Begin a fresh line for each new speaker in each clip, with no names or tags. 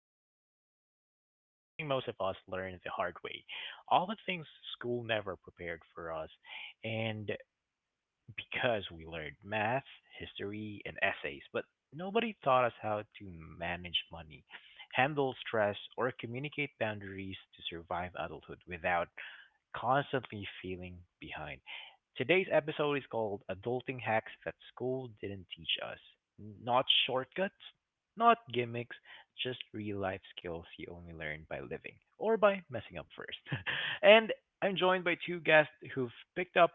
And today we're talking about something most of us learn the hard way. All the things school never prepared for us, and because we learned math, history, and essays, but nobody taught us how to manage money, handle stress, or communicate boundaries to survive adulthood without constantly feeling behind. Today's episode is called Adulting Hacks That School Didn't Teach Us. Not shortcuts, not gimmicks, just real life skills you only learn by living or by messing up first. and I'm joined by two guests who've picked up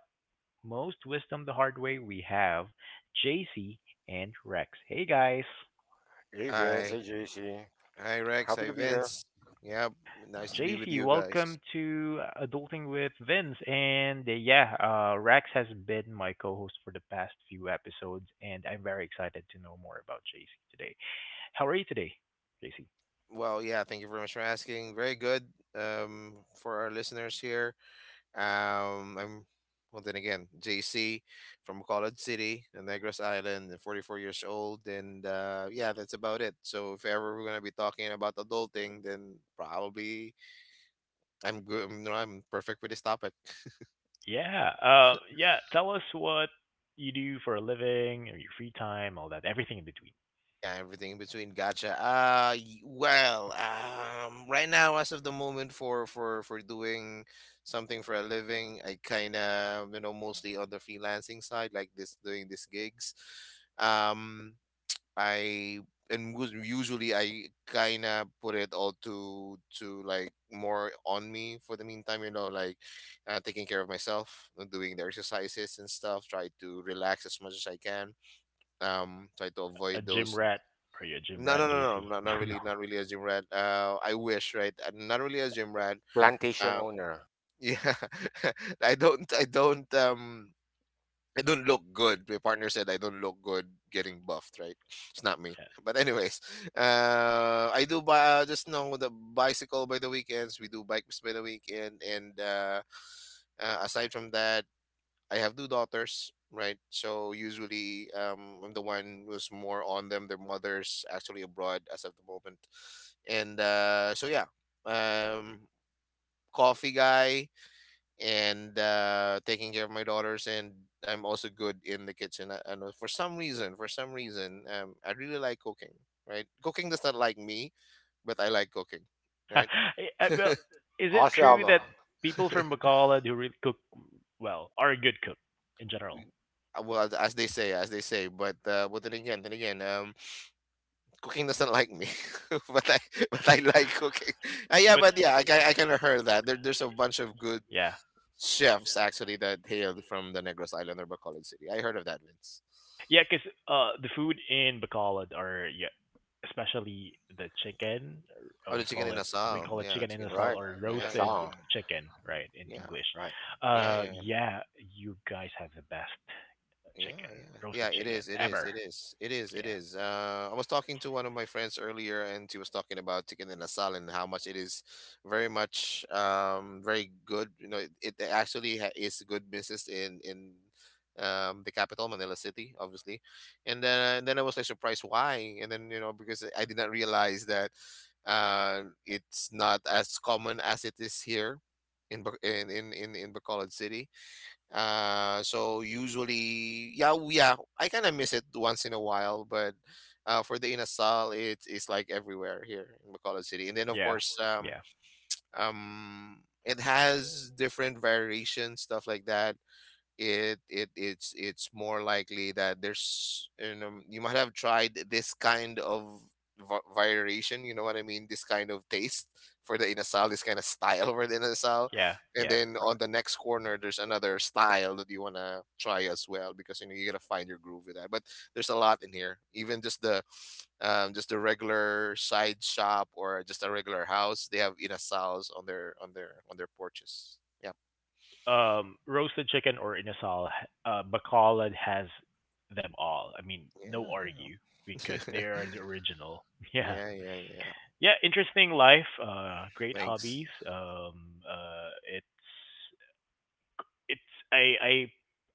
most wisdom the hard way. We have JC and Rex. Hey guys.
Hey Vince,
Hi.
hey JC.
Hi, Rex.
Happy
Hi,
to be here.
Vince. Yeah, nice to be with
JC,
you guys.
welcome to Adulting with Vince. And yeah, Rax has been my co host for the past few episodes, and I'm very excited to know more about JC today. How are you today, JC?
Well, yeah, thank you very much for asking. Very good, for our listeners here. I'm, well, then again, JC from Bacolod City in Negros Island, and 44 years old. And yeah, that's about it. So if ever we're going to be talking about adulting, then probably I'm good. I'm, no, I'm perfect with this topic.
Yeah, yeah, tell us what you do for a living, or your free time, all that, everything in between.
Oh yeah, everything in between. Gotcha. Right now, as of the moment, for doing something for a living, I kind of, you know, mostly on the freelancing side, like this, doing these gigs. Um, I Usually I kind of put it all to like more on me for the meantime, you know, like, taking care of myself, doing the exercises and stuff. Try to relax as much as I can, try to
A
avoid
gym
those.
rat? Are you a gym
No,
rat,
no, no, no,
JC?
not
No.
really, not really a gym rat. I wish, right? I'm not really a gym rat.
Plantation
Uh,
owner.
yeah, I don't, I don't, um, I don't look good. My partner said I don't look good getting buffed, right? It's not me. But anyways, I do buy, just know the bicycle by the weekends. We do bikes by the weekend, and aside from that, I have two daughters, right? So usually, I'm the one who's more on them. Their mother's actually abroad as of the moment, and so yeah, um, coffee guy, and taking care of my daughters, and I'm also good in the kitchen. I know, for some reason, I really like cooking. Right, cooking does not like me, but I like cooking.
Yeah.
Right.
Well, is it
Awesome.
true that people from Bacolod who really cook well are a good cook in general?
Well, as they say, but uh, but then again, cooking doesn't like me, but I like cooking. Yeah,
But
but yeah, I kind of heard that there's a bunch of good
yeah.
chefs actually that hailed from the Negros Island or Bacolod City. I heard of that, Vince.
Yeah, cause the food in Bacolod are yeah, especially the chicken,
Oh, the
we
chicken
call
in
it
asal. Yeah,
chicken
chicken.
inasal
In-
Right.
or
And a
yeah,
roasted
yeah,
song.
yeah,
chicken, right, in
yeah,
English.
Right.
yeah, yeah.
Yeah, you guys have the best
Yeah,
chicken,
yeah, yeah.
roasted
It
chicken
is. It is.
ever.
It is. It is. It
Yeah.
is. I was talking to one of my friends earlier, and she was talking about chicken and asal and how much it is very much, very good. You know, it actually ha is a good business in the capital, Manila City, obviously. And then I was like, surprised why, and then, you know, because I did not realize that uh, it's not as common as it is here in Bac- in Bacolod City. Uh, so usually, yeah, yeah, I kind of miss it once in a while, but for the inasal, it's like everywhere here in Bacolod City, and then of
Yeah.
course,
Yeah.
it has different variations, stuff like that. It's more likely that there's, you know, you might have tried this kind of variation, you know what I mean, this kind of taste for the inasal, this kind of style for the inasal,
Yeah.
and
Yeah.
then
Ri-
on the next corner there's another style that you want to try as well, because you know, you gotta find your groove with that. But there's a lot in here, even just the regular side shop or just a regular house. They have inasals on their on their porches. Yep.
Roasted chicken or inasal, Bacolod has them all. I mean, no
Yeah.
argue
Yeah.
because they are the original. Yeah.
Yeah, yeah, yeah.
Yeah, interesting life, great
Thanks.
hobbies. It's it's I I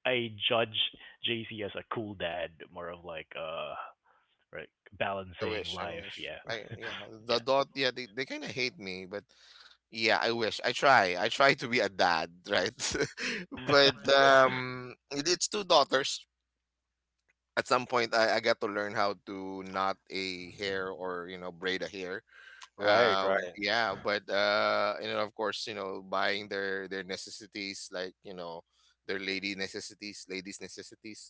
I judge JC as a cool dad, more of like
What I
balancing
wish. I
life.
wish.
Yeah,
I, yeah. The dot. Yeah, they kind of hate me, but yeah, I wish. I try. I try to be a dad, right?
yeah,
but um, it, it's two daughters. At some point, I got to learn how to knot a hair or, you know, braid a hair.
Right.
Uh,
Right.
yeah, but uh, you know, of course, you know, buying their necessities, like, you know, their lady necessities, ladies necessities.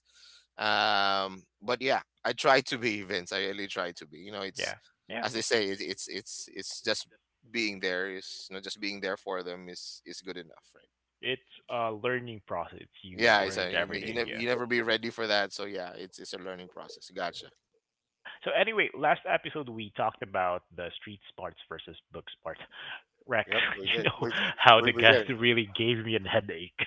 Um, but yeah, I try to be, Vince, I really try to be, you know. it's
yeah, yeah.
as they say it, it's it's it's just being there is, you know, just being there for them is good enough, right?
It's a learning process. You
Yeah, it's
learn it
a you, ne-
every
you
day.
never,
Yeah.
you never be ready for that, so yeah, it's a learning process. Gotcha.
Yeah. So anyway, last episode we talked about the street smarts versus book smarts. Rex,
Yep. We
you
did.
know
We, d-
how
we,
the
we did.
guest really gave me a headache.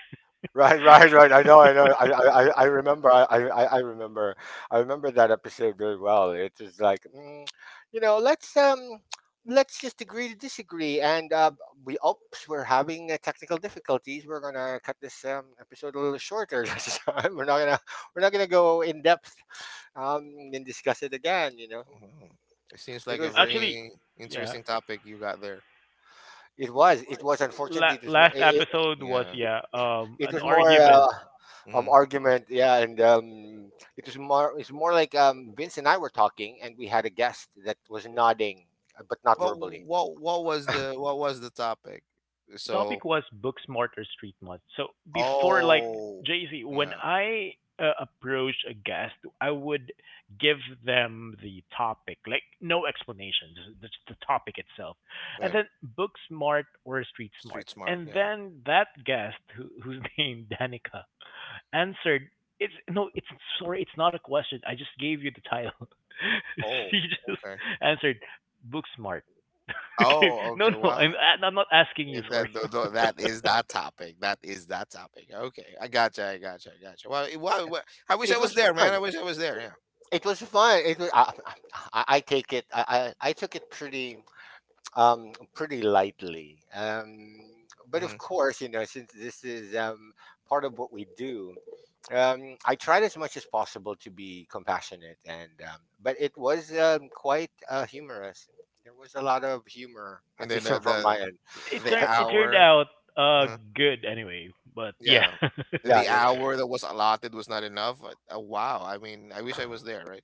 Right. Right. Right. I know. I know. I, I, I I remember. I remember. I remember that episode very well. It was like, you know, let's just agree to disagree. And we oops, we're having technical difficulties. We're gonna cut this episode a little shorter this time. We're not gonna go in depth. Then discuss it again. You know,
Mhm. It seems
it
like a
was,
Actually,
very
yeah.
interesting topic you got there.
it
W-
was, it was. Unfortunately, it was, it,
Last
it
episode was
Yeah.
yeah an
was more
argument.
Mm-hmm.
argument. Yeah, and it was more, it's more like Vince and I were talking, and we had a guest that was nodding, but not verbally.
What was the topic?
The
So
topic was book smart or street smart. So before like
oh
JC, when
yeah,
I approach a guest, I would give them the topic, like no explanation, just the topic itself, and
good.
then book smart or street smart,
Street smart,
and
yeah.
then that guest who, who's named Danica answered. It's no, it's sorry, it's not a question. I just gave you the title.
Oh
She just
okay.
answered Booksmart. Okay.
Oh
No,
okay.
no,
Wow.
I'm not asking you,
And
sorry.
that th- th- that is that topic. That is that topic. Okay, I gotcha. I gotcha. I gotcha. Well, I wish I
It
was
was
there, man.
fun.
I wish I was there.
It was fun. It was. I take it. I took it pretty, pretty lightly.
Yeah.
But of
Hmm.
course, you know, since this is part of what we do, I tried as much as possible to be compassionate, and but it was quite humorous. There was a lot of humor,
And
at
then
least, from my end.
Yeah,
the
I,
it turned
hour.
out uh
Uh
good anyway, but yeah.
Yeah.
yeah
The
it-
hour that was allotted was not enough. Wow. I mean, I wish I was there, right?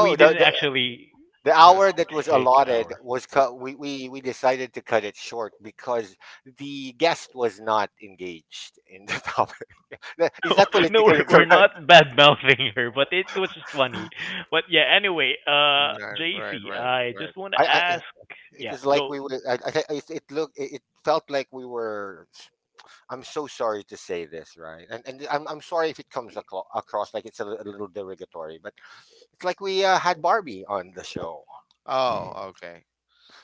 We
the,
didn't actually
the hour that was
take
allotted
our
was cut. We decided to cut it short because the guest was not engaged in the topic. Is
no,
that
no,
politically
we're
correct?
not bad mouthing her, but it was just funny.
Uh-huh.
But yeah, anyway,
Right, right,
JC,
right,
I
right.
just want to
I
ask.
It
Yeah,
was like
go.
we were, looked, it felt like we were, I'm so sorry to say this, right? I'm sorry if it comes across like it's a little derogatory, but it's like we had Barbie on the show.
Oh, okay.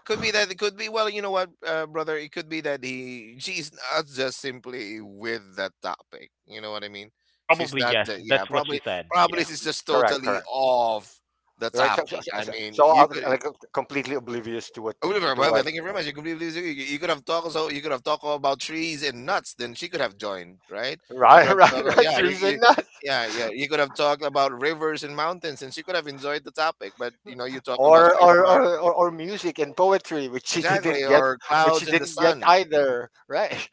Could be that, it could be, well, you know what, brother, it could be that he she's not just simply with that topic. You know what I mean? She's
Probably
not
yes.
the, yeah,
That's what she
probably,
said.
probably
Yeah.
she's just
Correct,
totally
correct.
off the
Right, so, so,
topic. I
so,
mean,
so
you
I was,
could—
like, completely oblivious to what,
oh, never
to
mind. Thank
what.
think, you realize, you could you could have talked, so you could have talked about trees and nuts, then she could have joined, right? You
Right.
could have
Right,
talked,
right,
yeah,
reason not.
yeah, yeah. You could have talked about rivers and mountains, and she could have enjoyed the topic. But you know, you talk about
or
street
or,
mart,
or or or music and poetry, which she
exactly,
didn't get,
or
which she
clouds and the
didn't get
sun.
either, right?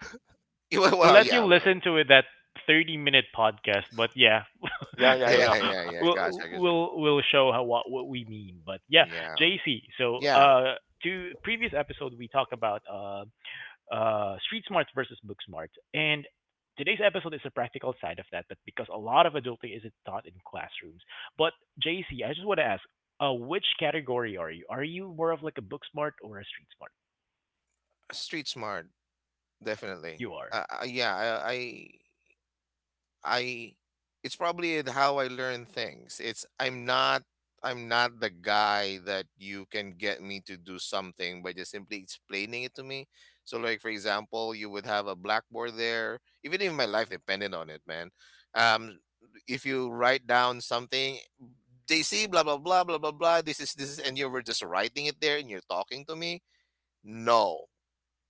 Well,
We'll
well,
let
yeah,
you
well,
listen to it that 30-minute podcast, but yeah.
Yeah, yeah,
yeah,
yeah.
yeah, yeah. Gotcha, gotcha.
We'll show how what we mean. But yeah,
Yeah,
JC. So,
yeah.
to previous episode we talked about street smart versus book smart and today's episode is the practical side of that, but because a lot of adulting isn't taught in classrooms. But JC, I just want to ask, which category are you? Are you more of like a book smart or a street smart?
Street smart, definitely.
You are.
Yeah, I, I I, it's probably how I learn things. It's, I'm not, I'm not the guy that you can get me to do something by just simply explaining it to me. So like for example, you would have a blackboard there, even if my life depended on it, man. Um, if you write down something, they see blah blah blah blah blah blah. This is, and you were just writing it there, and you're talking to me. No,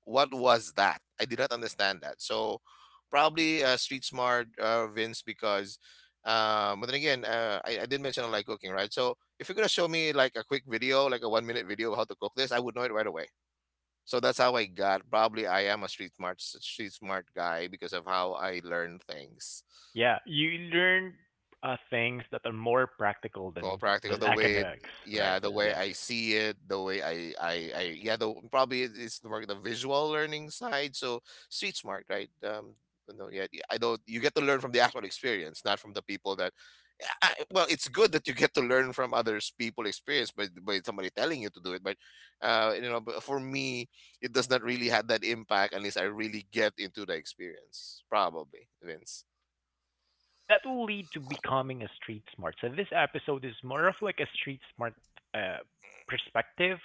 what was that? I did not understand that. So probably street smart, Vince, because but then again, I did mention I like cooking, right? So if you're gonna show me like a quick video, like a 1 minute video of how to cook this, I would know it right away. So that's how I got. Probably I am a street smart guy because of how I learn things.
Yeah, you learn things that are more practical
To all
than
practical the way,
academics, right?
yeah, the way
Yeah.
I see it, the way I yeah, the probably it's more the visual learning side, so street smart, right. Um, but no, yeah, I don't, you get to learn from the actual experience, not from the people that I— well, it's good that you get to learn from others, people experience by somebody telling you to do it, but uh, you know, but for me, it does not really have that impact unless I really get into the experience, probably, Vince.
So that will lead to becoming a street smart. So this episode is more of like a street smart uh, perspective,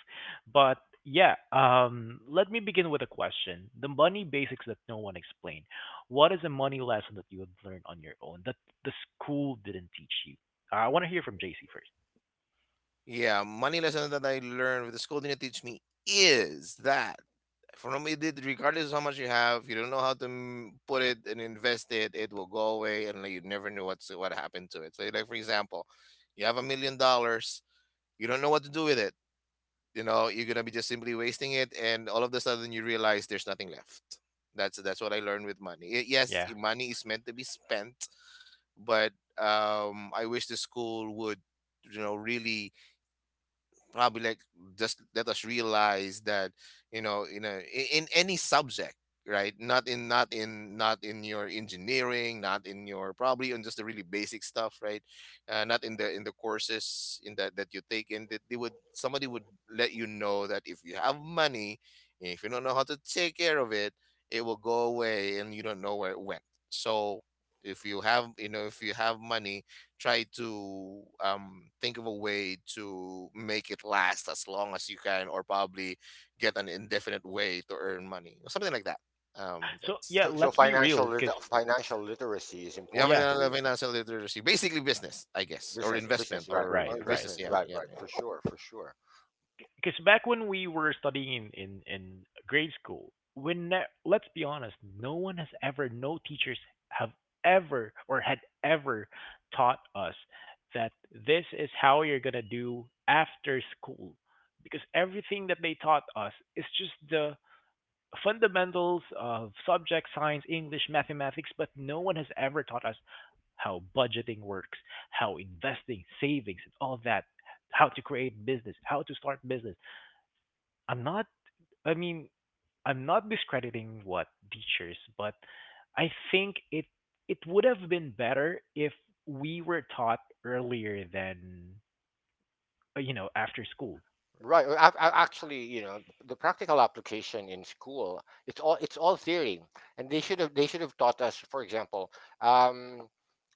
but yeah. Let me begin with a question: the money basics that no one explained. What is a money lesson that you have learned on your own that the school didn't teach you? I want to hear from JC first.
Yeah, money lesson that I learned with the school didn't teach me is that from it, regardless of how much you have, you don't know how to, mm, put it and invest it, it will go away, and like, you never knew what's, what happened to it. So like for example, you have a million dollars, you don't know what to do with it. You know, you're gonna be just simply wasting it, and all of a sudden you realize there's nothing left. That's what I learned with money. Yes,
Yeah,
money is meant to be spent, but I wish the school would, you know, really probably like just let us realize that, you know, you know, in any subject, right, not in not in your engineering, not in your probably, on just the really basic stuff, right. Uh, not in the, in the courses in that, that you take, in that they would, somebody would let you know that if you have money, if you don't know how to take care of it, it will go away, and you don't know where it went. So if you have, you know, if you have money, try to, think of a way to make it last as long as you can, or probably get an indefinite way to earn money or something like that.
yeah. So
Vince,
yeah,
So, so
let's be
financial
real, because
financial literacy is
you have
yeah,
important to
another,
be.
financial literacy, basically business, I guess, or
Business,
investment,
business, right?
or
right,
Or
yeah,
right.
business.
investments,
Yeah,
right,
yeah,
right, for sure, for sure.
Because back when we were studying in grade school, let's be honest, no one has ever, no teachers have ever or had ever taught us that this is how you're going to do after school. Because everything that they taught us is just the fundamentals of subject science, English, mathematics, but no one has ever taught us how budgeting works, how investing, savings, and all that, how to create business, how to start business I'm not, I mean, I'm not discrediting what teachers, but I think it would have been better if we were taught earlier than you know after school.
Right. Actually, you know, the practical application in school, it's all, it's all theory, and they should have, they should have taught us. For example, um,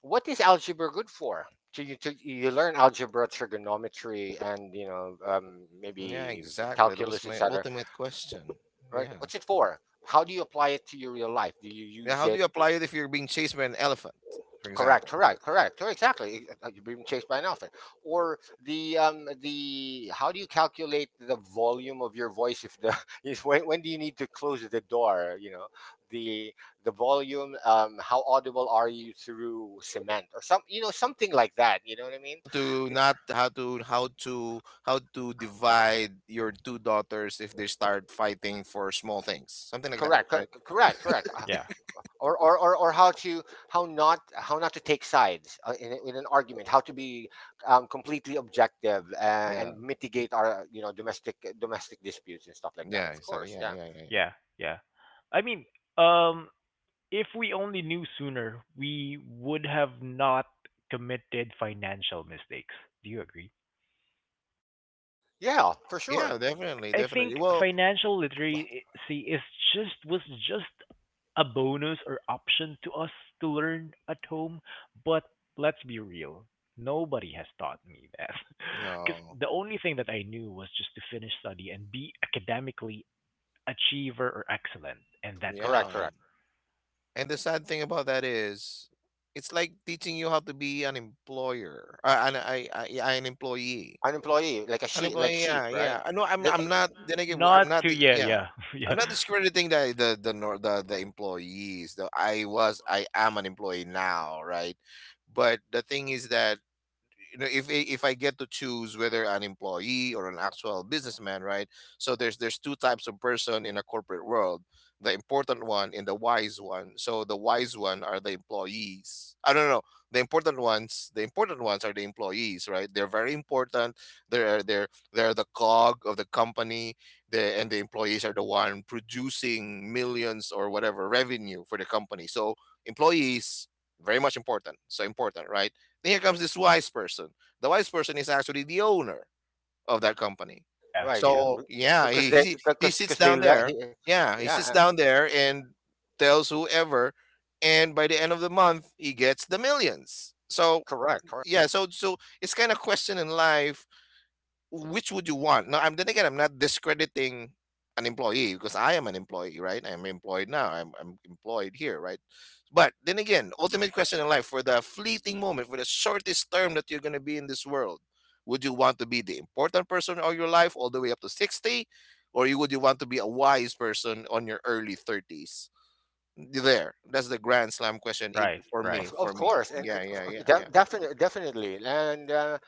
what is algebra good for? You learn algebra, trigonometry, and you know,
yeah. Yeah,
maybe
exactly. That was
calculus,
my
etc.
ultimate question.
Right,
Yeah,
what's it for? How do you apply it to your real life? Do you
yeah.
use
How do
it?
you apply it if you're being chased by an elephant, for
Correct,
example?
correct, correct, correct. Exactly. You're being chased by nothing. Or the the, how do you calculate the volume of your voice if the is when do you need to close the door? You know, the the volume. How audible are you through cement or some, you know, something like that? You know what I mean?
How to
It,
not how to how to how to divide your two daughters if they start fighting for small things. Something like that,
correct,
right?
correct,
Yeah,
correct.
yeah,
Or how to, how not, how not to take sides in, in an argument. How to be completely objective, and
Yeah.
mitigate, our, you know, domestic disputes and stuff like that,
Yeah,
of
something.
course.
Yeah,
Yeah,
yeah, yeah, yeah.
yeah, yeah. I mean, um, if we only knew sooner, we would have not committed financial mistakes. Do you agree?
yeah, for
Yeah,
sure.
definitely,
I think
definitely. Well,
financial
Wha-
literacy is just was just a bonus or option to us to learn at home, but let's be real. Nobody has taught me that. Because
no.
the only thing that I knew was just to finish study and be academically achiever or excellent, and that's
Correct,
enough.
Yeah.
correct.
And the sad thing about that is it's like teaching you how to be an employer, an employee.
An employee, like a
Ano
sheep,
ba,
like sheep,
yeah,
right?
yeah. I know I'm
The-
Uh,
I'm
i-
not, then again, I'm
not
not,
to, yeah,
yeah.
yeah,
I'm
yeah,
not discrediting the nor- the employees. Though I am an employee now, right? But the thing is that you know, if I get to choose whether an employee or an actual businessman, right? So there's two types of person in a corporate world: the important one and the wise one. So the wise one are the employees. I don't know. The important ones. The important ones are the employees, right? They're very important. They're the cog of the company. And the employees are the one producing millions or whatever revenue for the company. So employees very much important. So important, right? Here comes this wise person. The wise person is actually the owner of that company.
yeah,
right,
yeah.
So yeah,
because
he
they
he, he
because
sits
because they
down
let he,
there. Yeah, he
yeah,
sits down there and tells whoever, and by the end of the month, he gets the millions. So
correct, correct.
yeah, so it's kind of question in life, which would you want? Now, I'm, then again, I'm not discrediting an employee because I am an employee, right? I'm employed now. I'm employed here, right? But then again, ultimate question in life, for the fleeting moment, for the shortest term that you're gonna be in this world, would you want to be the important person of your life all the way up to 60, or you would you want to be a wise person on your early 30s? There, that's the grand slam question in,
Right,
for
right,
me.
of, of
For me,
course and,
yeah, yeah, yeah,
de-
yeah.
definitely, definitely, and uh,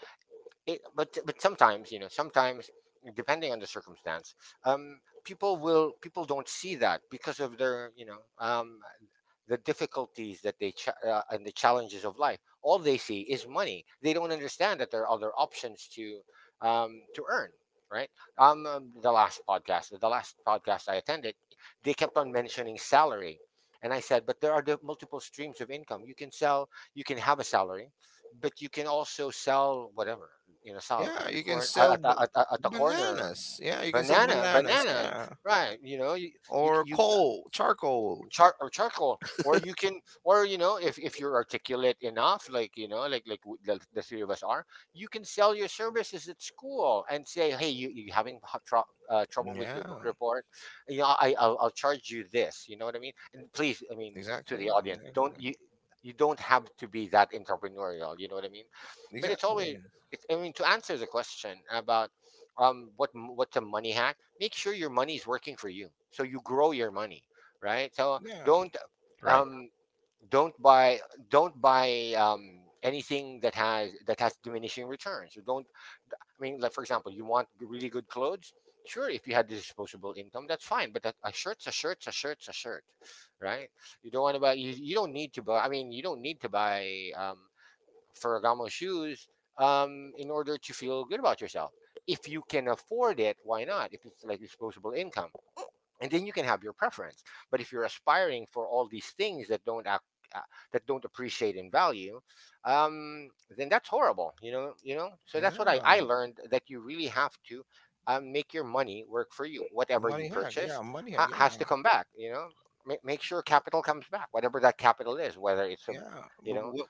it, but sometimes, you know, sometimes, depending on the circumstance, people will, people don't see that because of their, you know, the difficulties that they and the challenges of life. All they see is money. They don't understand that there are other options to earn. Right. The last podcast, the last podcast I attended, they kept on mentioning salary, and I said, but there are the multiple streams of income. You can sell. You can have a salary, but you can also sell whatever, you know. Sell
Yeah, you can sell
at the corner,
bananas. Yeah, you can sell
banana,
bananas.
banana.
Yeah,
Right. You know,
or
you,
coal, charcoal.
charcoal, or you can, or, you know, if you're articulate enough, like, you know, like, the three of us are, you can sell your services at school and say, hey, you having trouble with your
Yeah,
book report, you know, I'll charge you this, you know what I mean. And, please, I mean, to
exactly,
the audience, don't
exactly,
you you don't have to be that entrepreneurial, you know what I mean. But it's always,
exactly.
it's, I mean, to answer the question about, what what's a money hack: make sure your money is working for you, so you grow your money. Right?
Yeah,
Don't
right.
um don't buy, don't buy anything that has, that has diminishing returns. You don't, I mean, like, for example, you want really good clothes, sure, if you had the disposable income, that's fine, but that, a shirt's a shirt. Right? You don't want to buy, you don't need to buy, I mean, you don't need to buy Ferragamo shoes in order to feel good about yourself. If you can afford it, why not, if it's like disposable income, and then you can have your preference. But if you're aspiring for all these things that don't act, uh, that don't appreciate in value, um, then that's horrible, you know, you know. So that's what I
yeah.
learned, that you really have to make your money work for you. Whatever you
Money hack.
purchase
Yeah, money hack.
has to
Yeah.
come back, you know. Make sure capital comes back, whatever that capital is, whether it's a,
Yeah.
you know.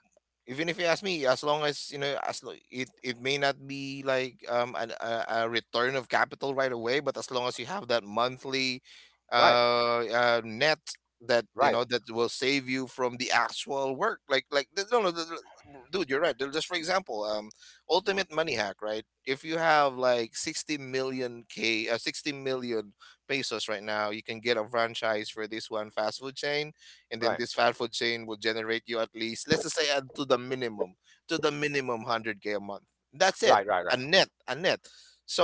Even if you ask me, as long as you know, as it may not be like a return of capital right away, but as long as you have that monthly
Right,
net, that you
right,
know that will save you from the actual work, like no, dude, you're right. Just for example, ultimate money hack, right? If you have like 60 million k, 60 million pesos right now, you can get a franchise for this one fast food chain, and then
right,
this fast food chain will generate you at least, let's just say, to the minimum 100K a month. That's it.
right, right,
A
right,
net. A net.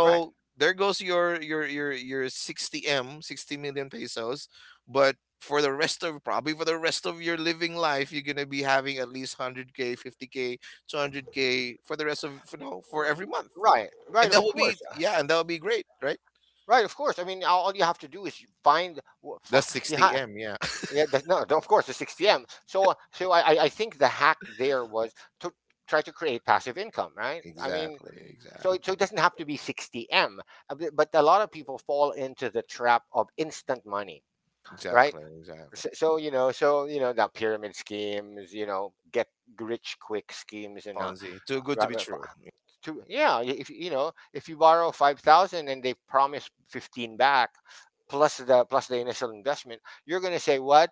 right,
there goes your 60M, 60 million pesos. But for the rest of, probably for the rest of your living life, you're going to be having at least 100K, 50K, 200K for the rest of, you know, for
r-
every month.
right, right,
And that
of
will be.
course,
Yeah, and that will be great, right?
right, of course, I mean, all you have to do is you find
That's
you ha-
60M. Yeah.
Yeah, no, no, of course, the 6TM. So, I think the hack there was to try to create passive income, right? I mean,
Exactly, exactly,
so it doesn't have to be 6TM, but a lot of people fall into the trap of instant money, right?
exactly, exactly.
So, so you know, the pyramid schemes, you know, get rich quick schemes, and
Ponzi. Too good to
ra-
be
ra-
true.
pa- to yeah, if you know, if you borrow 5,000 and they promise 15 back. Plus the initial investment, you're gonna say what?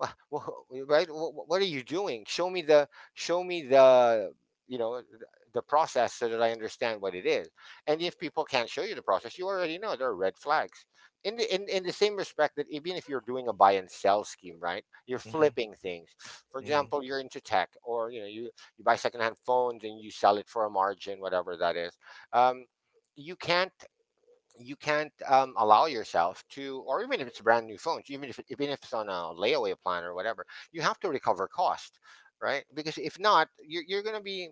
wha- wha- right, what are you doing? Show me the, show me the, you know, the process, so that I understand what it is. And if people can't show you the process, you already know there are red flags. In the, in the same respect that even if you're doing a buy and sell scheme, right, you're
Hmm.
flipping things, for
Hmm.
example, you're into tech, or, you know, you buy secondhand phones and you sell it for a margin, whatever that is, um, you can't, you can't allow yourself to, or even if it's brand new phones, even if, even if it's on a layaway plan or whatever, you have to recover cost, right? Because if not, you're gonna be,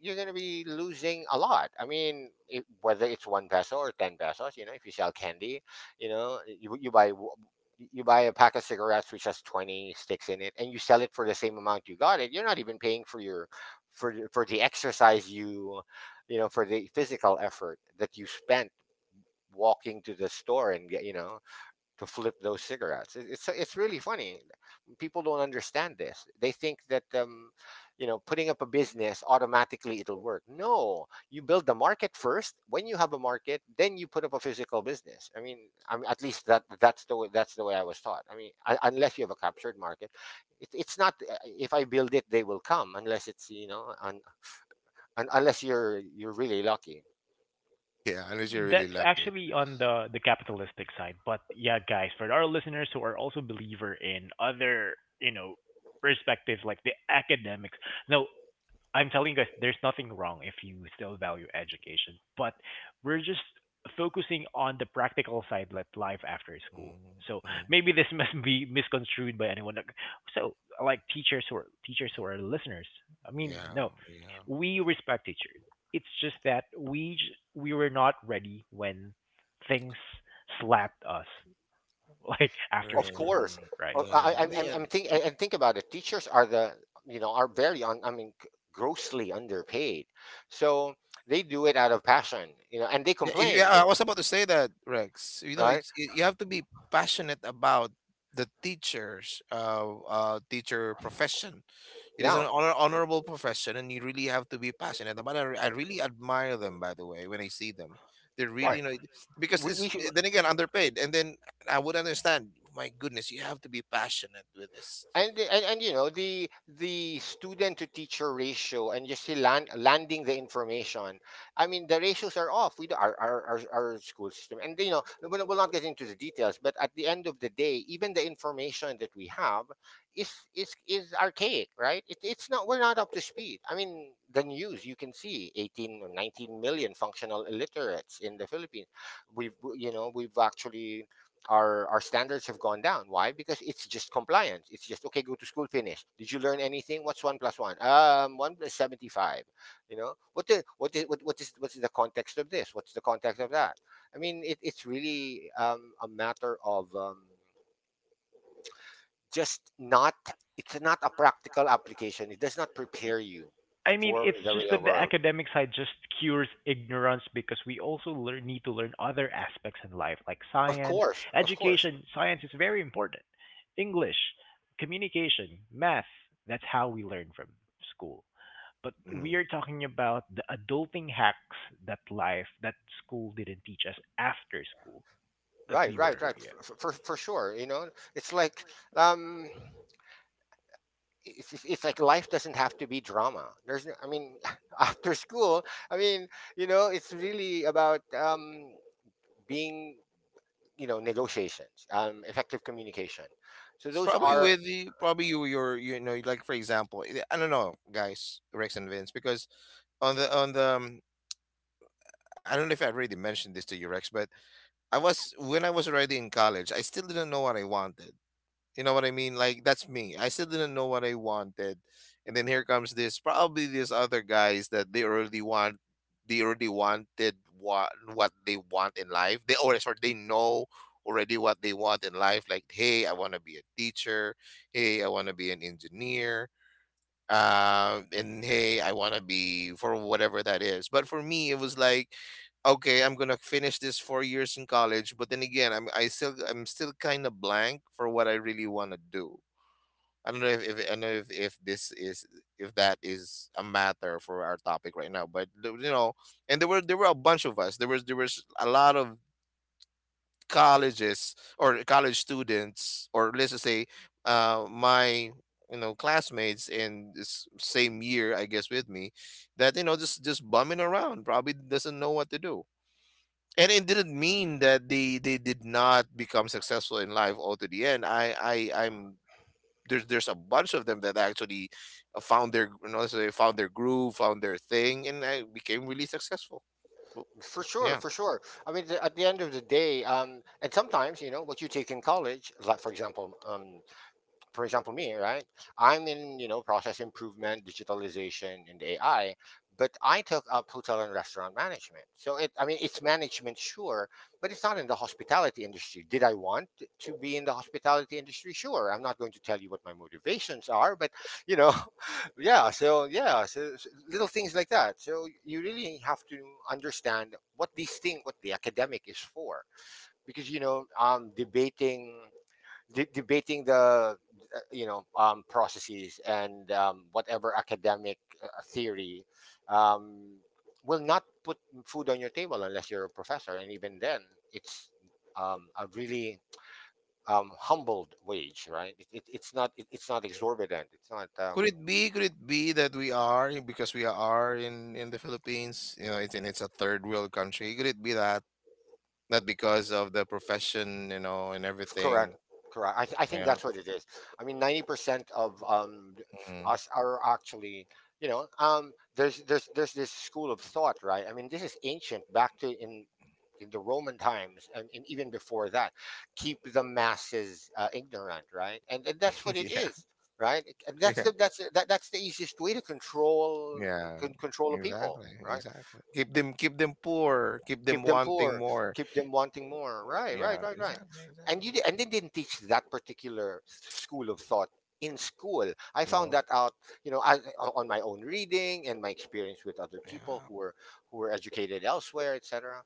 you're gonna be losing a lot. I mean, if, whether it's one peso or ten pesos, you know, if you sell candy, you know, you you buy a pack of cigarettes which has 20 sticks in it and you sell it for the same amount you got it. You're not even paying for your, for the exercise, you know, for the physical effort that you spent walking to the store and get, you know, to flip those cigarettes. It, it's really funny. People don't understand this. They think that you know, putting up a business automatically it'll work. No, you build the market first. When you have a market, then you put up a physical business. I mean, at least that, that's the way I was taught. I mean, unless you have a captured market, it's not. Uh, if I build it, they will come. Unless it's, you know, unless you're, you're really lucky.
Yeah, unless you're really
That's
lucky.
actually on the capitalistic side. But yeah, guys, for our listeners who are also believer in other, you know, perspectives like the academics. No, I'm telling you guys, there's nothing wrong if you still value education, but we're just focusing on the practical side, like life after school. So
Mm-hmm. Mm-hmm.
maybe this must be misconstrued by anyone. Like, so, like teachers or teachers or listeners, I mean,
Yeah,
no,
yeah.
we respect teachers. It's just that we were not ready when things slapped us, like after
Of
school,
course,
Mm.
right?
uh,
Yeah, yeah. Yeah.
I'm think, and think about it. Teachers are the, you know, are very, un, I mean, grossly underpaid. So they do it out of passion, you know, and they
Yeah, y-
complain,
yeah, I was about to say that, Rex. You know,
right?
it's you have to be passionate about teacher profession. It is an
Yeah,
honorable profession, and you really have to be passionate about it. I really admire them, by the way, when I see them. They're
Yeah.
really,
right.
you know, because
We, we
it's
should,
then again underpaid, and then I would understand. My goodness, you have to be passionate with this.
and you know the student to teacher ratio and just landing the information. I mean the ratios are off. We do our school system and you know we'll not get into the details, but at the end of the day even the information that we have is archaic, right? It's not, we're not up to speed. I mean the news, you can see 18 or 19 million functional illiterates in the Philippines. We've, you know, we've actually, our standards have gone down. Why? Because it's just compliance. It's just okay. Go to school. Finish. Did you learn anything? What's one plus one? One plus 75. You know what? The, what is the context of this? What's the context of that? I mean, it's really a matter of just not. It's not a practical application. It does not prepare you
I mean,
for
it's
the
just
real
that the
world.
academic side just cures ignorance because we also learn, need to learn other aspects in life, like
Of
science,
course, of course.
education. Science is very important. English, communication, math. That's how we learn from school. But we
Mhm.
are talking about the adulting hacks that life, that school didn't teach us after school, that
Right,
we
right,
were,
right.
yeah,
For sure. You know, it's like um it's like life doesn't have to be drama. There's, no- I mean, after school, I mean, you know, it's really about being, you know, negotiations, effective communication. So
It's
those
probably
are.
with the, probably, you, your, you know, like for example, I don't know, guys, Rex and Vince, because on the, I don't know if I already mentioned this to you, Rex, but I was, when I was already in college, I still didn't know what I wanted. You know what I mean? Like, that's me. I still didn't know what I wanted, and then here comes this, probably these other guys that they already want, they already wanted what they want in life. They already, sorry, they know already what they want in life. Like, hey, I want to be a teacher. Hey, I want to be an engineer, and hey, I want to be, for whatever that is. But for me, it was like, okay, I'm gonna finish this 4 years in college, but then again, I'm still kind of blank for what I really want to do. I don't know if I don't know if this is, if that is a matter for our topic right now, but you know, and there were a bunch of us. There was, a lot of colleges or college students, or let's just say, my, you know, classmates in this same year, I guess, with me, that, you know, just, bumming around, probably doesn't know what to do. And it didn't mean that they did not become successful in life, all to the end. I'm, there's a bunch of them that actually, found their, you know, so they found their groove, found their thing, and I became really successful. Well,
For sure,
yeah.
for sure. I mean, the, at the end of the day, and sometimes, you know, what you take in college, like for example me, right? I'm in, you know, process improvement, digitalization, and AI, but I took up hotel and restaurant management. So it, I mean it's management, sure, but it's not in the hospitality industry. Did I want to be in the hospitality industry? Sure. I'm not going to tell you what my motivations are, but you know. Yeah, so yeah, so so little things like that. So you really have to understand what these things, what the academic is for. Because, you know, debating, debating the you know, processes and whatever academic uh, theory um, will not put food on your table unless you're a professor. And even then it's a really humbled wage, right? It's not, it's not exorbitant. It's not
Could it be? Could it be that we are, eh, because we are in the Philippines? You know, it's, and it's a third world country. Could it be that, because of the profession, you know, and
Correct.
everything?
Correct. I think
Yeah.
that's what it is. I mean, 90% of
Mhm.
us are actually, you know, there's this school of thought, right? I mean, this is ancient, back to in the Roman times, and even before that. Keep the masses ignorant, right? And that's what it
Yeah.
is, right? And that's
Yeah.
that's the easiest way to control,
Yeah.
control the people,
Exactly.
right?
Exactly. Keep them. Keep them poor. Keep them
Keep them
wanting
poor,
more.
keep them wanting more,
More.
right, right,
Yeah.
right, right.
Exactly. Exactly.
And they didn't teach that particular school of thought in school. I found
No.
that out, you know, as, on my own reading and my experience with other people
Yeah.
who were, who were educated elsewhere, etc.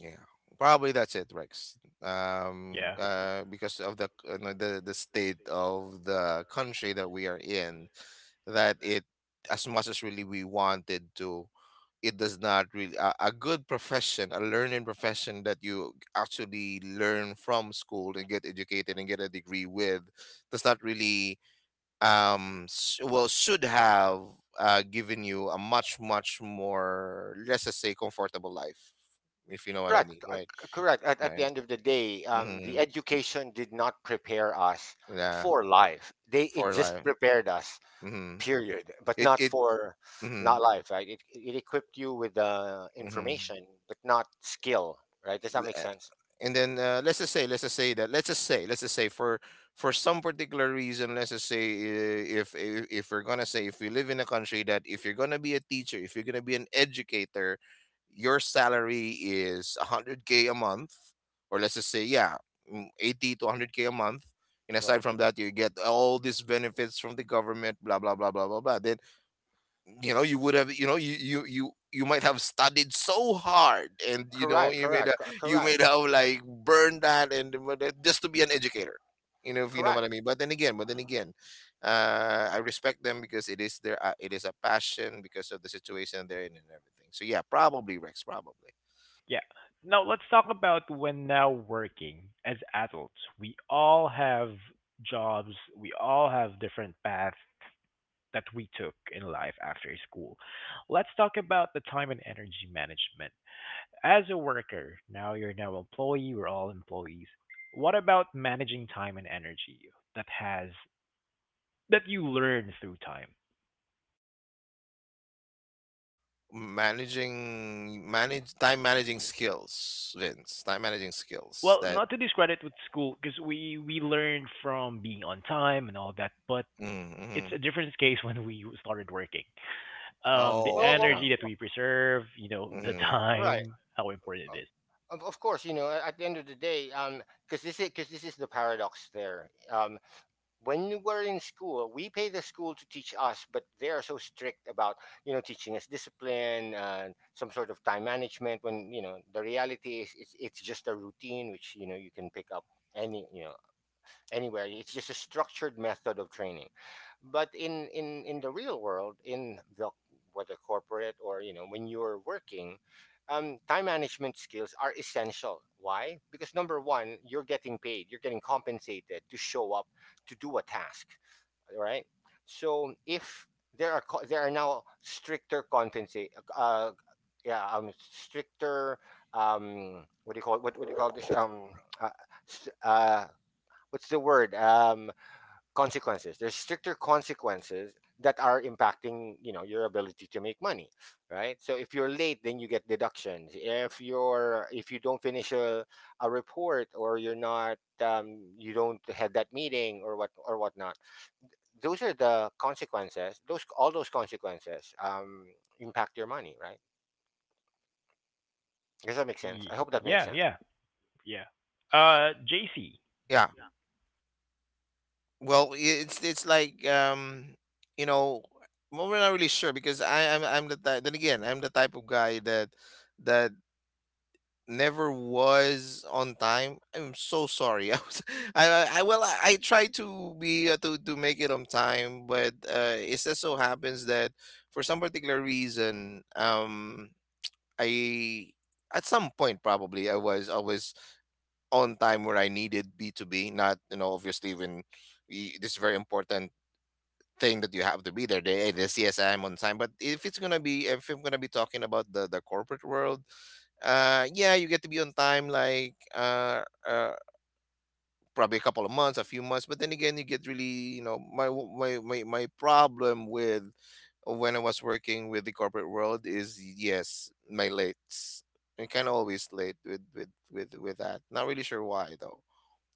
Yeah, probably that's it, Rex.
yeah.
Because of, the you know, the state of the country that we are in, that it, as much as really we wanted to, it does not really, a good profession, a learning profession that you actually learn from school and get educated and get a degree with, does not really, well, should have, given you a much, much more, let's just say, comfortable life, if you know what I
Correct.
mean, right?
Correct. At the
Nine.
end of the day,
Mm-hmm.
the education did not prepare us
Yeah,
for life. They, it
for
just
life.
prepared us,
Mm-hmm.
period, but
It
not
it.
for,
Mm-hmm.
not life, right? it equipped you with
Mm-hmm.
information but not skill, right? Does that make
Eh,
sense?
and then, let's just say that, let's just say for some particular reason, let's just say, if we're gonna say if you live in a country that, if you're gonna be a teacher, if you're gonna be an educator, your salary is 100K a month, or let's just say, yeah, mm, 80 to 100K a month. And aside
Right.
from that, you get all these benefits from the government, blah blah blah blah blah blah. Then, you know, you would have, you know, you, you might have studied so hard, and you know,
Correct,
you made
correct,
a, you
correct.
made have like burned that and, just to be an educator, you know, if you know what
Correct.
I mean. But then again, I respect them because it is their, it is a passion, because of the situation they're in and everything. So yeah, probably, Rex. Probably
Yeah. Now let's talk about when now working as adults. We all have jobs, we all have different paths that we took in life after school. Let's talk about the time and energy management. As a worker, now you're now employee, we're all employees. What about managing time and energy that has that you learn through time?
managing, manage time managing skills, Vince, time managing skills
Well,
that.
not to discredit with school because we learn from being on time and all that, but
Mm-hmm.
it's a different case when we started working. The
well,
Oh
well, well, well,
yeah.
energy that
well,
we preserve, you know, the
Hmm.
right.
time, how important it
Uh,
is.
of course, you know, a- at the end of the day, because this is, because this is the paradox there, when we were in school, we pay the school to teach us, but they are so strict about, you know, teaching us discipline, some sort of time management. When you know the reality is, it's just a routine which, you know, you can pick up any, you know, anywhere. It's just a structured method of training. But in the real world, in the, whether corporate or, you know, when you're working, time management skills are essential. Why? Because number one, you're getting paid, you're getting compensated to show up to do a task. All right. So if there are now stricter compensate, uh, yeah, stricter, what do you call it, what do you call this, uh, s- uh what's the word, consequences? There's stricter consequences that are impacting, you know, your ability to make money, right? So if you're late, then you get deductions. If you're, if you don't finish a report, or you're not, you don't have that meeting or what or whatnot, those are the consequences. Those, all those consequences, impact your money, right? Does that make sense?
Y-
I hope that makes
Yeah,
sense.
yeah, yeah. JC.
Yeah. Well,
So
it's like, you know, well, we're not really sure because I'm the type. Then again, I'm the type of guy that that never was on time. I'm so sorry. I was, I try to be, to make it on time, but it just so happens that for some particular reason, I, at some point, probably, I was always on time where I needed B to be. Not, you know, obviously when. This is very important thing that you have to be there. They see I'm on time. But if it's gonna be, if I'm gonna be talking about the corporate world, yeah, you get to be on time like, probably a couple of months, a few months. But then again, you get really, you know, my my problem with, when I was working with the corporate world, is yes, my lates. I kind of always late with that. Not really sure why though.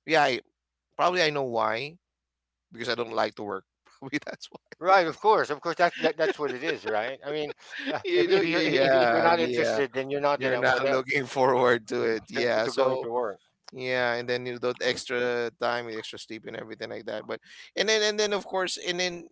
Yeah, I, probably I know why, because I don't like to work. Probably that's why.
Right, of course, of course. That, that that's what it is, right? I mean,
You do,
if you if you're
yeah, yeah,
not
yeah.
interested, then you're not
You're
gonna
not
whatever
looking forward to it. Yeah.
to going
So,
to work.
yeah, and then, you know, the extra time, the extra sleep and everything like that. But and then of course and then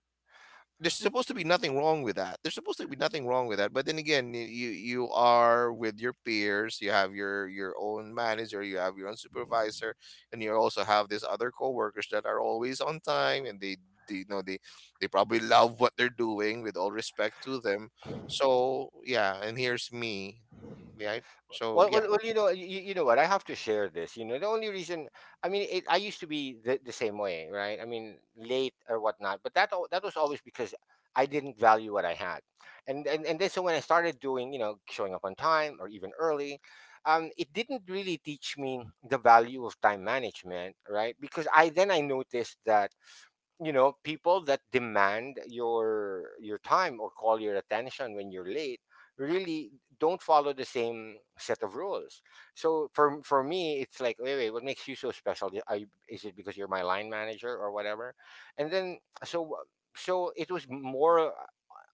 there's supposed to be nothing wrong with that. There's supposed to be nothing wrong with that. But then again, you you are with your peers. You have your own manager. You have your own supervisor, and you also have these other coworkers that are always on time, and they you know they probably love what they're doing. With all respect to them, so yeah. And here's me, right? So
Well, well,
yeah,
well, you know, you know what? I have to share this. You know, the only reason, I mean, it, I used to be the same way, right? I mean, late or whatnot, but that was always because I didn't value what I had. And and then so when I started doing, you know, showing up on time or even early, it didn't really teach me the value of time management, right? Because I, then I noticed that, you know, people that demand your time or call your attention when you're late really don't follow the same set of rules. So for me, it's like wait, wait, what makes you so special? Are you, is it because you're my line manager or whatever? And then so, so it was more,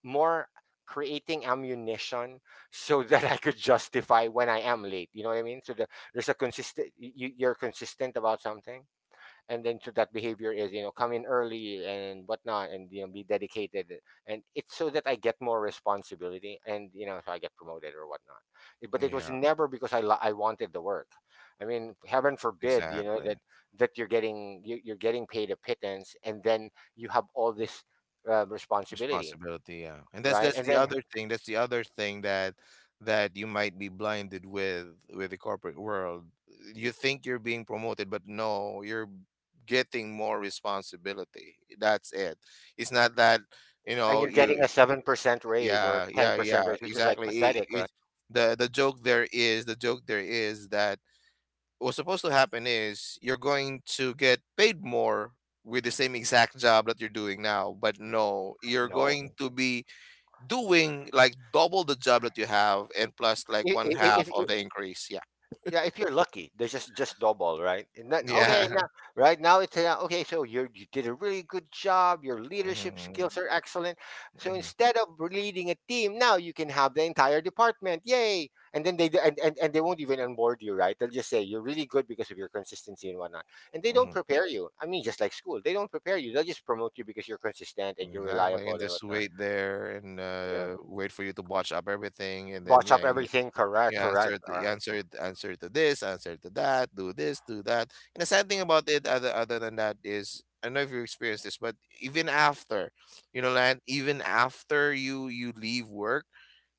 more creating ammunition, so that I could justify when I am late. You know what I mean? So the, there's a consistent, you, you're consistent about something, and then so that behavior is, you know, come in early and whatnot, and you know, be dedicated, and it's so that I get more responsibility, and you know, so I get promoted or whatnot. But it was
yeah,
never because I wanted the work. I mean, heaven forbid, you know,
exactly.
that that you're getting, you, you're getting paid a pittance, and then you have all this responsibility,
Responsibility, yeah. And that's
right?
that's
And
the
then,
other thing. That's the other thing that you might be blinded with the corporate world. You think you're being promoted, but no, you're getting more responsibility. That's it. It's not that, you
and
know,
you're getting
you
a 7% raise, or a
yeah, yeah,
10%
yeah,
raise, which is like
exactly. It,
pathetic,
it,
right?
the joke there is, the joke there is that what's supposed to happen is you're going to get paid more with the same exact job that you're doing now, but no, you're
No.
going to be doing like double the job that you have and plus like
I-
one
I-
half
if,
of the increase. Yeah.
Yeah, if you're lucky, there's just double, right? And then okay,
Yeah.
now right now it's okay. So you did a really good job. Your leadership skills
Mhm,
are excellent. So
mhm,
instead of leading a team, now you can have the entire department. Yay! And then they d- and they won't even onboard you, right? They'll just say you're really good because of your consistency and whatnot. And they don't
mhm.
prepare you. I mean, just like school, they don't prepare you. They'll just promote you because you're consistent and you're
Exactly.
reliable
And
and
just
whatnot.
wait there and
Yeah,
wait for you to watch up everything. And then,
botch
yeah,
up
you,
everything. Correct,
you
correct.
answer to you answer answer to this, answer to that, do this, do that. And the sad thing about it, other other than that, is I don't know if you experienced this, but even after, you know, like even after you leave work,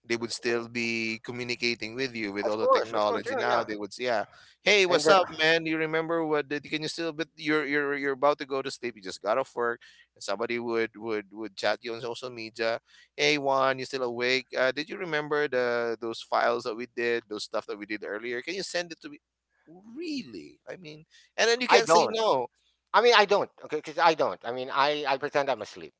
they would still be communicating with you with all
Of
the
course, of course.
technology
Yeah,
now.
yeah.
They would say, yeah, hey,
And
what's
then
up, man? You remember what did, can you still, but you're you're about to go to sleep, you just got off work, and somebody would chat you on social media. Hey, Juan, you still awake? Did you remember the those files that we did, those stuff that we did earlier? Can you send it to me? Really? I mean, and then you
I
can't say
don't.
no.
I mean, I don't. Okay, because I don't. I mean, I pretend I'm asleep.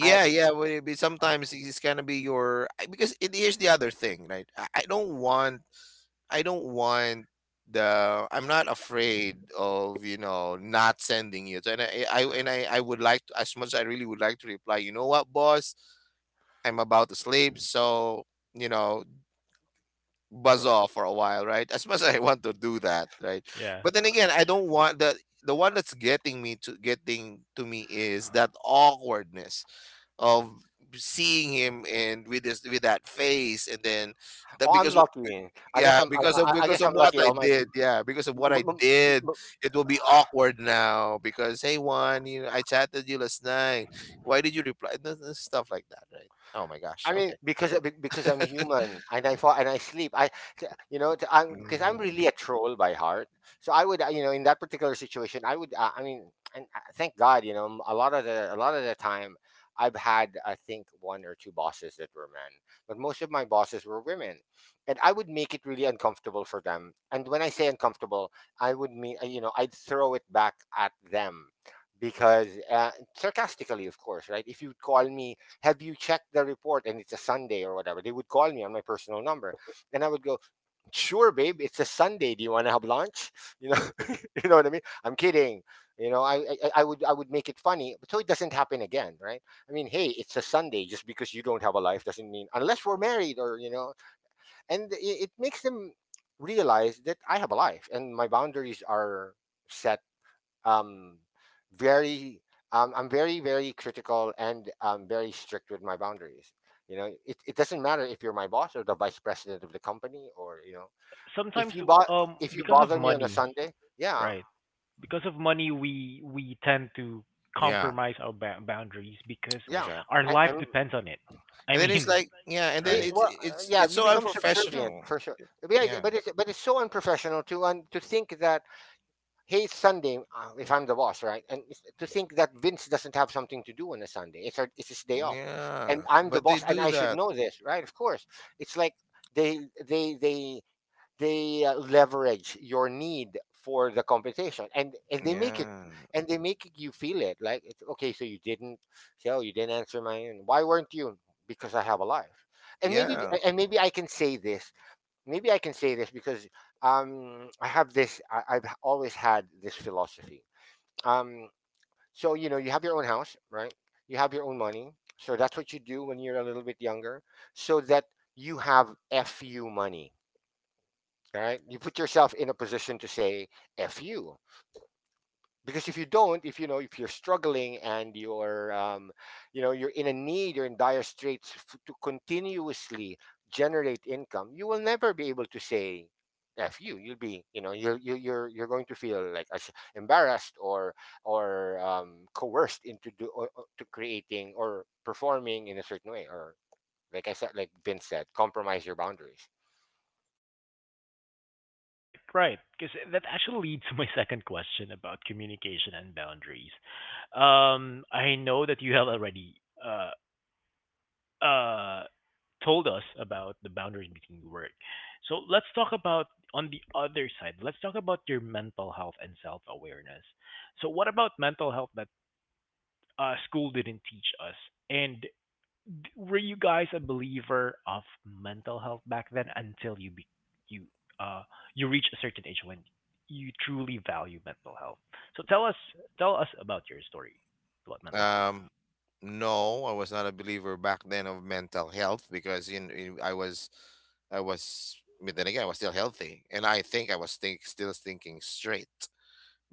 I,
yeah. Well, it be- sometimes it's gonna be your because it, here's the other thing, right? I don't want the, I'm not afraid of, you know, not sending it, and I would like to, as much as I really would like to reply, you know what, boss, I'm about to sleep, so, you know, buzz off for a while, right? As much as I want to do that, right?
yeah,
But then again, I don't want the one that's getting me to getting to me is that awkwardness of seeing him and with this with that face, and then that,
oh, I'm
because
lucky. I
yeah,
guess I'm I,
because of
I I guess I'm
what
lucky.
I
All my
did. Yeah, because of what I
m-
did.
m- m-
It will be awkward now because, hey, Juan, you know, I chatted you last night, why did you reply? Stuff like that, right? Oh my gosh,
I mean,
okay.
because I'm human and I fall and I sleep. I, you know, I'm, because I'm
Mm,
really a troll by heart. So I would, you know, in that particular situation, I would. I mean, and thank God, you know, a lot of the, a lot of the time, I've had I think one or two bosses that were men, but most of my bosses were women, and I would make it really uncomfortable for them. And when I say uncomfortable, I would mean, you know, I'd throw it back at them. Because sarcastically, of course, right? If you would call me, have you checked the report? And it's a Sunday or whatever. They would call me on my personal number. And I would go, sure, babe, it's a Sunday. Do you want to have lunch? You know, you know what I mean? I'm kidding. You know, I I would, I would make it funny, so it doesn't happen again, right? I mean, hey, it's a Sunday. Just because you don't have a life doesn't mean, unless we're married or you know. And it makes them realize that I have a life and my boundaries are set, um, very I'm very, very critical and very strict with my boundaries. You know, it doesn't matter if you're my boss or the vice president of the company or you know.
because
if
sometimes
you bot if you
because of
bother me on a
money,
Sunday, yeah,
right? Because of money, we tend to
yeah,
compromise our boundaries because
yeah.
exactly.
our
I,
life
I'm
depends on it. I
And then it's
mean,
like, yeah, and then
It,
right?
it's
well,
it's
yeah,
it's
you
so
become subservient
unprofessional.
for sure, but, yeah,
Yeah,
but it's, but it's so unprofessional to to think that, he's Sunday, if I'm the boss, right? And it's, to think that Vince doesn't have something to do on a Sunday. It's, it's his day off.
yeah,
And I'm the
but they
boss and
do
I should
that.
know this, right? Of course. It's like they, they, they, they leverage your need for the compensation and they make it
Yeah,
and they make you feel it like it's okay so you didn't answer my why weren't you because I have a life and maybe
yeah.
and maybe I can say this maybe I can say this because I have this. I've always had this philosophy. Um, so you know, you have your own house, right? You have your own money, so that's what you do when you're a little bit younger, so that you have fu money. All right, you put yourself in a position to say fu because if you don't if you know if you're struggling and you're you know you're in a need you're in dire straits to continuously generate income you will never be able to say f you you'll be you know you're going to feel like embarrassed or coerced into do, or to creating or performing in a certain way or like I said like Vince said compromise your boundaries.
Right, right. Because that actually leads to my second question about communication and boundaries. I know that you have already uh, uh, told us about the boundaries between work. So let's talk about on the other side. Let's talk about your mental health and self awareness. So what about mental health that school didn't teach us? And were you guys a believer of mental health back then until you be, you uh you reach a certain age when you truly value mental health, so tell us about your story about mental health.
Um, no, I was not a believer back then of mental health because, you know, I was. But then again, I was still healthy, and I think I was think still thinking straight.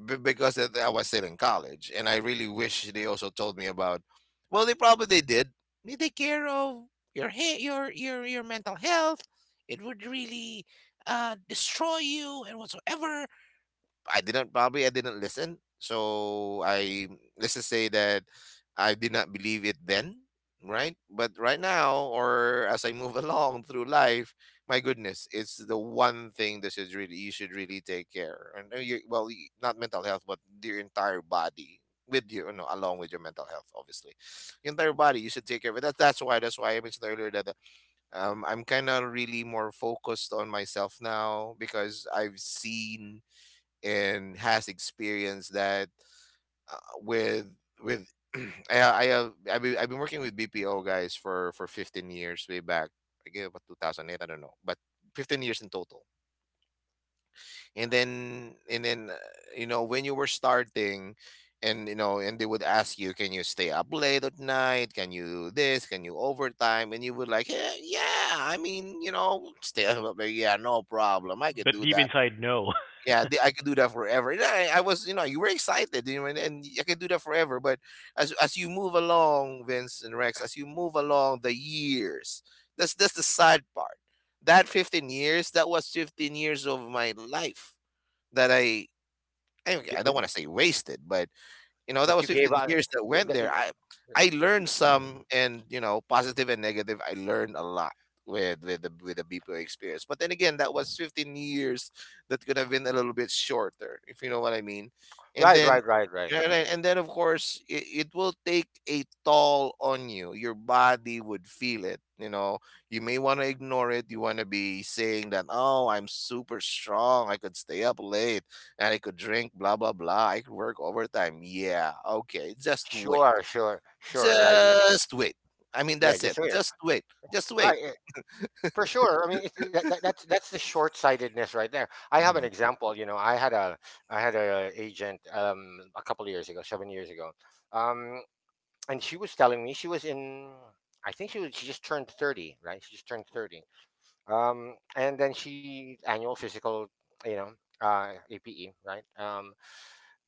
Because of that, I was still in college, and I really wish they also told me about. Well, they probably they did. They take care of your your mental health. It would really destroy you and whatsoever. I didn't, probably I didn't listen. So I, let's just say that I did not believe it then, right? But right now, or as I move along through life, my goodness, it's the one thing that should really, you should really take care. And you, well, not mental health, but your entire body with you, you know, along with your mental health, obviously, your entire body you should take care of it. That's why I mentioned earlier that I'm kind of really more focused on myself now because I've seen and has experience that with with I've been working with BPO guys for 15 years way back, I guess about 2008, I don't know, but 15 years in total. And then you know, when you were starting, and you know, and they would ask you, can you stay up late at night, can you do this, can you overtime? And you would like, "Eh, yeah, I mean, you know, stay up late, yeah, no problem, I could
But
do
deep
that,
inside no.
yeah, the, I could do that forever." And I was, you know, you were excited, you know, and I could do that forever. But as you move along, Vince and Rex, as you move along the years, that's the sad part. That 15 years, that was 15 years of my life that mean, I
Get-
don't
that
want to say wasted, but you know, that
that
was
you gave
15
out
years that went there.
that-
I learned some and, you know, positive and negative, I learned a lot with the BPO experience. But then again, that was 15 years that could have been a little bit shorter, if you know what I mean. And
right
then
right right right
yeah,
right
right. And then, of course, it will take a toll on you. Your body would feel it. You know, you may want to ignore it. You want to be saying that, oh, I'm super strong. I could stay up late and I could drink, blah, blah, blah. I could work overtime. Yeah, okay. Just wait.
sure right yeah.
Just wait. I mean,
Yeah,
that's it.
just wait.
Just wait. Just wait.
Right, for sure. I mean, that's the short-sightedness right there. I have an
Mhm.
example. You know, I had a agent a couple of years ago, 7 years ago, um, and she was telling me she was in. I think she just turned 30, right? She just turned 30, and then she annual physical, you know, APE, right?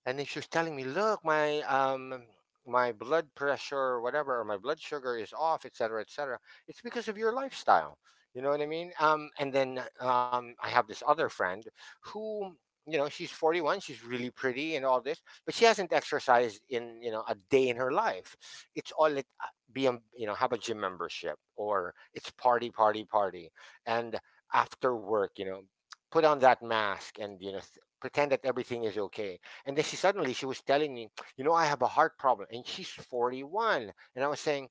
And then she was telling me, "Look, my my blood pressure or whatever, or my blood sugar is off, etc., etc. It's because of your lifestyle. You know what I mean? And then I have this other friend who, you know, she's 41, she's really pretty and all this, but she hasn't exercised in you know a day in her life. It's all it be a- you know have a gym membership or it's party, party, party, and after work, you know, put on that mask and you know pretend that everything is okay and then she was telling me, you know, I have a heart problem, and she's 41. And I was saying,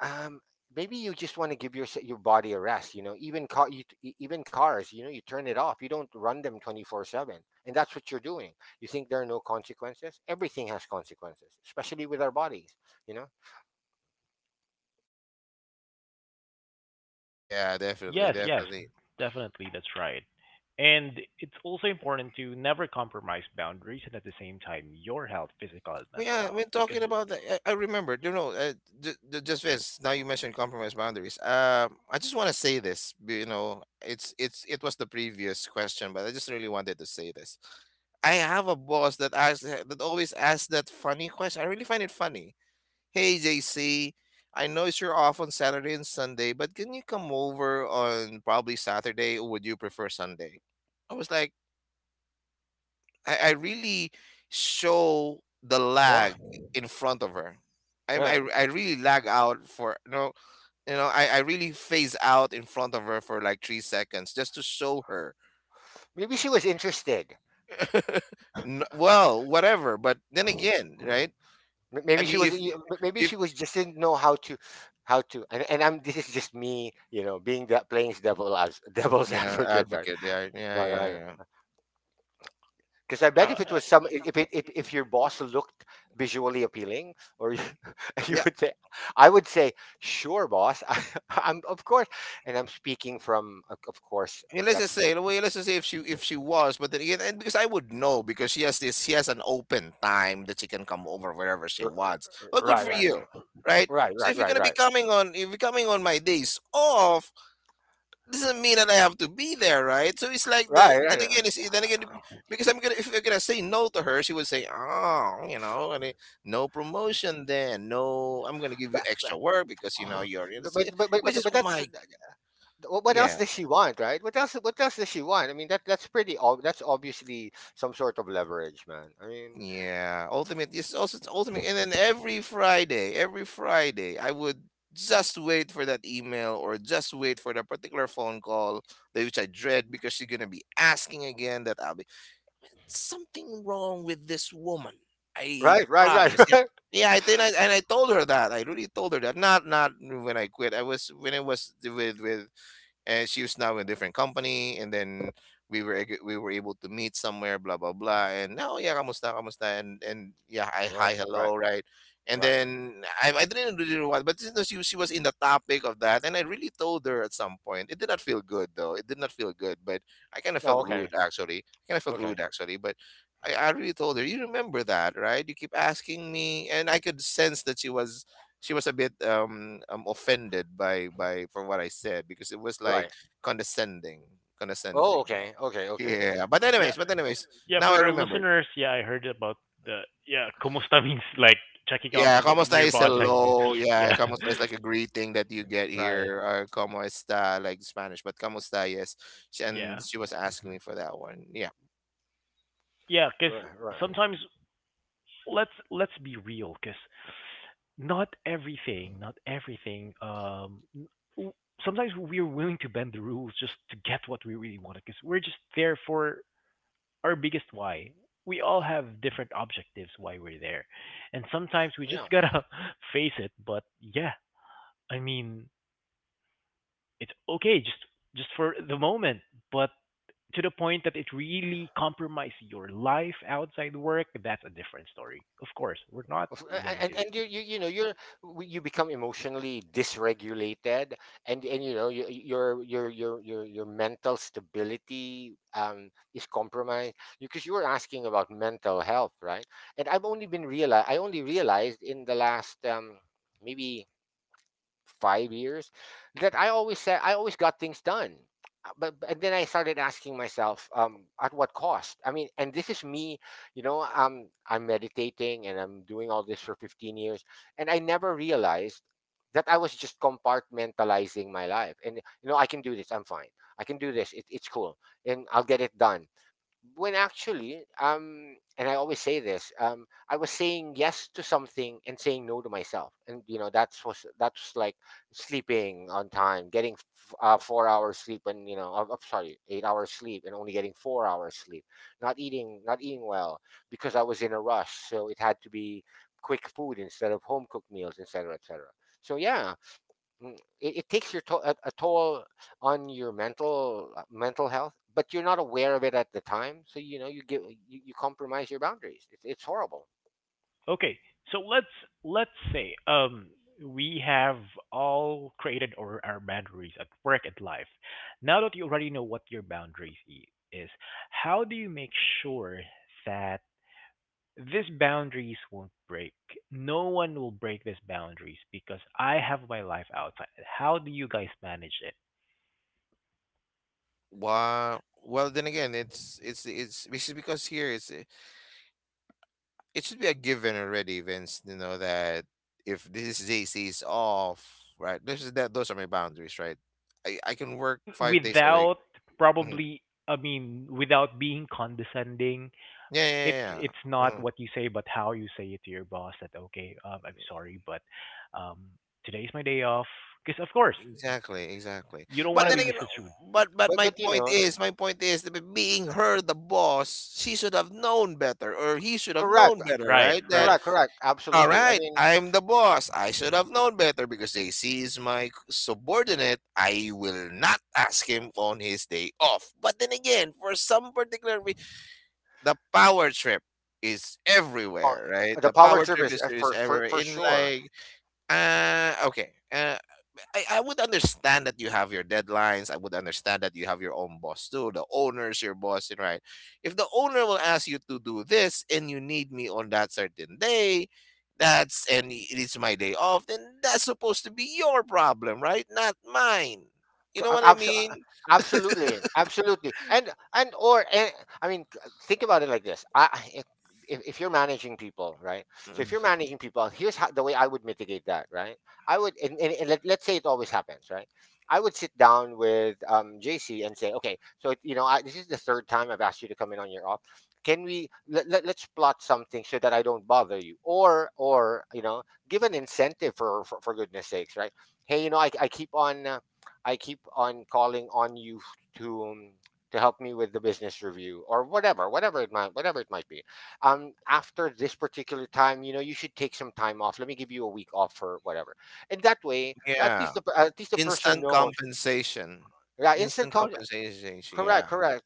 um, maybe you just want to give your body a rest. You know, even cars, you know, you turn it off. You don't run them 24 seven, and that's what you're doing. You think there are no consequences? Everything has consequences, especially with our bodies. You know,
Yeah, definitely.
Yes, yes,
Definitely.
definitely, that's right, and it's also important to never compromise boundaries and at the same time your health, physical and mental
Yeah,
health
we're
because
talking about that. I remember, you know, just Vince, now you mentioned compromise boundaries. I just want to say this, you know, it was the previous question, but I just really wanted to say this. I have a boss that asks, that always asks that funny question. I really find it funny. Hey JC, I notice you're off on Saturday and Sunday, but can you come over on probably Saturday or would you prefer Sunday? I was like, I really show the
Wha-
lag in front of her.
Right.
I really lag out for no, you know, I really phase out in front of her for like 3 seconds just to show her.
Maybe she was interested.
N- well, whatever, but then again, right? I mean,
Maybe
if,
she was just didn't know how to and I'm this is just me you know being that playing devil as devil's
yeah,
advocate right
advocate, yeah, yeah, yeah, yeah.
because I
yeah.
bet
I-
if it was some I- if it if your boss looked visually appealing or you, you would say I would say sure boss I'm of course and I'm speaking from of course
Yeah, let's just
that's.
say, well, let's just say if she was, but then again, and because I would know because she has this, she has an open time that she can come over wherever she
r-
wants. Well, good
right
for
right
you, right?
right
So
right
if you're
right
gonna be
right
coming on, if you're coming on my days off, doesn't mean that I have to be there, right? So it's like the,
right right right.
then
Right,
again,
right,
because I'm gonna, if you're gonna say no to her, she would say, oh, you know, and it- no promotion then, no, I'm gonna give you
but,
extra
but,
work because you know you're,
but, but, but,
which
but
is,
but
oh
that's.
my.
What else
Yeah.
does she want, right? What else? What else does she want? I mean, that that's pretty. That's obviously some sort of leverage, man. I mean,
Yeah, ultimate. It's also it's ultimate, and then every Friday, I would just wait for that email or just wait for that particular phone call, that which I dread because she's gonna be asking again. That I'll be, something wrong with this woman. I
right, right,
promise.
right,
Yeah,
right,
yeah. I think I, and I told her that. I really told her that. Not when I quit. I was when I was with and she was now in a different company, and then we were we were able to meet somewhere, blah blah blah, and now yeah, kamusta, kamusta, and yeah
right,
hi
right,
hello, right? And
right.
then I didn't really know what, but you know, she was in the topic of that, and I really told her at some point, it did not feel good though, it did not feel good, but I kind of
No,
felt
okay,
rude actually, I kind of felt
okay,
rude actually, but I really told her, you remember that, right? You keep asking me. And I could sense that she was a bit offended by from what I said because it was like
right.
condescending,
Oh,
condescending.
okay, okay, okay.
Yeah,
But yeah,
but
anyways, but
anyways,
anyways. Yeah,
now I
for our
remembered.
listeners, yeah, I heard about the yeah, kumusta means like checking up
Yeah,
on. Yeah,
kamusta
your
is
boss, checking. You.
hello. Yeah,
Yeah,
kamusta is like a greeting that you get
right.
here, or como está like Spanish, but kamusta, yes. She, and
Yeah,
she was asking
hmm,
me for that one. Yeah.
right. Yeah, because
Right, right.
sometimes let's be real, because not everything, not everything. W- Sometimes we're willing to bend the rules just to get what we really want, because we're just there for our biggest why. We all have different objectives why we're there. And
Or-
sometimes we just gotta face it, but yeah, I mean, it's okay just for the moment, but to the point that it really compromises your life outside work, that's a different story. Of course, we're not willing
And
to do
and you know you're you become emotionally dysregulated and you know your mental stability is compromised because you were asking about mental health right and I only realized in the last maybe 5 years that I always said I always got things done. And then I started asking myself, at what cost? I mean, and this is me, you know, I'm meditating and I'm doing all this for 15 years, and I never realized that I was just compartmentalizing my life. And you know, I can do this, I'm fine. I can do this, it's cool, and I'll get it done when actually and I always say this I was saying yes to something and saying no to myself and you know that's like sleeping on time getting 4 hours sleep and you know I'm sorry 8 hours sleep and only getting 4 hours sleep not eating not eating well because I was in a rush so it had to be quick food instead of home cooked meals etc cetera, etc cetera. So yeah. It takes your a toll on your mental mental health, but you're not aware of it at the time. So you know you give you, you compromise your boundaries. It's horrible.
okay, so let's say we have all created our boundaries at work and life. Now that you already know what your boundaries is, how do you make sure that these boundaries won't break? No one will break these boundaries because I have my life outside. How do you guys manage it?
Wow. Well, then again, it's which is, because here is, it should be a given already, Vince, you know, that if this JC is off, right? This is that those are my boundaries, right? I can
I
work
mean,
5 days a week.
without
Mhm.
probably, I mean, without being condescending,
Yeah, yeah,
it's
yeah.
not
hmm
what you say but how you say it to your boss that okay I'm sorry but um today's my day off because of course
Exactly, exactly.
you don't want
But
to
then
Um,
be
again,
misconstrued,
but
but you know,
my point is that being her the boss, she should have known better, or he should have
correct,
known better,
right,
right? That
right.
correct, correct.
all
Absolutely. I
right,
mean,
I'm the boss. I should have known better because JC is my subordinate. I will not ask him on his day off. But then again, for some particular re- the power trip is
oh,
everywhere, right?
the
The
power
power trip
service
is, is everywhere.
for
In
sure.
like, uh, okay, uh, I would understand that you have your deadlines. I would understand that you have your own boss too. The owner's your boss, and right? If the owner will ask you to do this and you need me on that certain day, that's and it is my day off, then that's supposed to be your problem, right? Not mine. You know what I
abso- uh,
mean?
Absolutely absolutely and I mean think about it like this if you're managing people right so if
Mm.
you're managing people here's how, the way I would mitigate that right I would and let, let's say it always happens right I would sit down with JC and say okay so you know this is the third time I've asked you to come in on your off can we let's plot something so that I don't bother you or you know give an incentive for for goodness sakes right hey you know I keep on calling on you to um, to help me with the business review or whatever it might be. After this particular time, you know, you should take some time off. Let me give you a week off for whatever, and that way,
Yeah.
at least the person
Instant
knows.
compensation.
Yeah,
Instant compensation.
correct,
Yeah.
correct.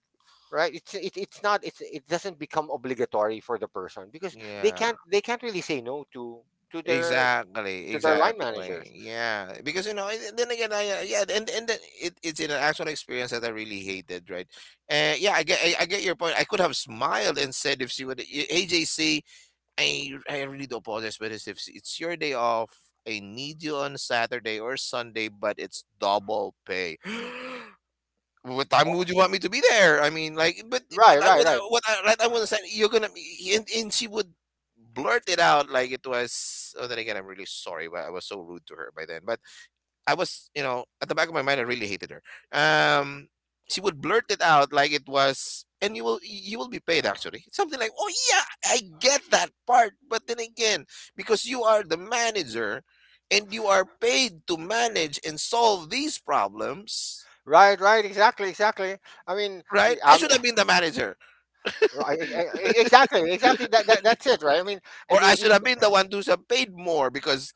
Right, it's not it doesn't become obligatory for the person because
Yeah.
they can't really say no to to their
Exactly,
to their line
exactly.
managers.
Yeah, because you know, and then again, I yeah, and then it's in an actual experience that I really hated, right? I get your point. I could have smiled and said if she would, AJC, I really do apologize, but it's if it's your day off, I need you on Saturday or Sunday, but it's double pay." What time
Or,
would you want me to be there? I mean, like, but
right,
I
right,
would,
right,
I would say you're gonna be, and she would blurt it out like it was. Oh, then again, I'm really sorry, but I was so rude to her by then. But I was, you know, at the back of my mind, I really hated her. Um, she would blurt it out like it was, and you will be paid actually. It's something like, oh yeah, I get that part, but then again, because you are the manager, and you are paid to manage and solve these problems.
right, right. Exactly, exactly. I mean,
Right? I should have been the manager,
right, exactly, exactly. That that's it, right? I
or I
mean,
should
he,
have been the one who's paid more because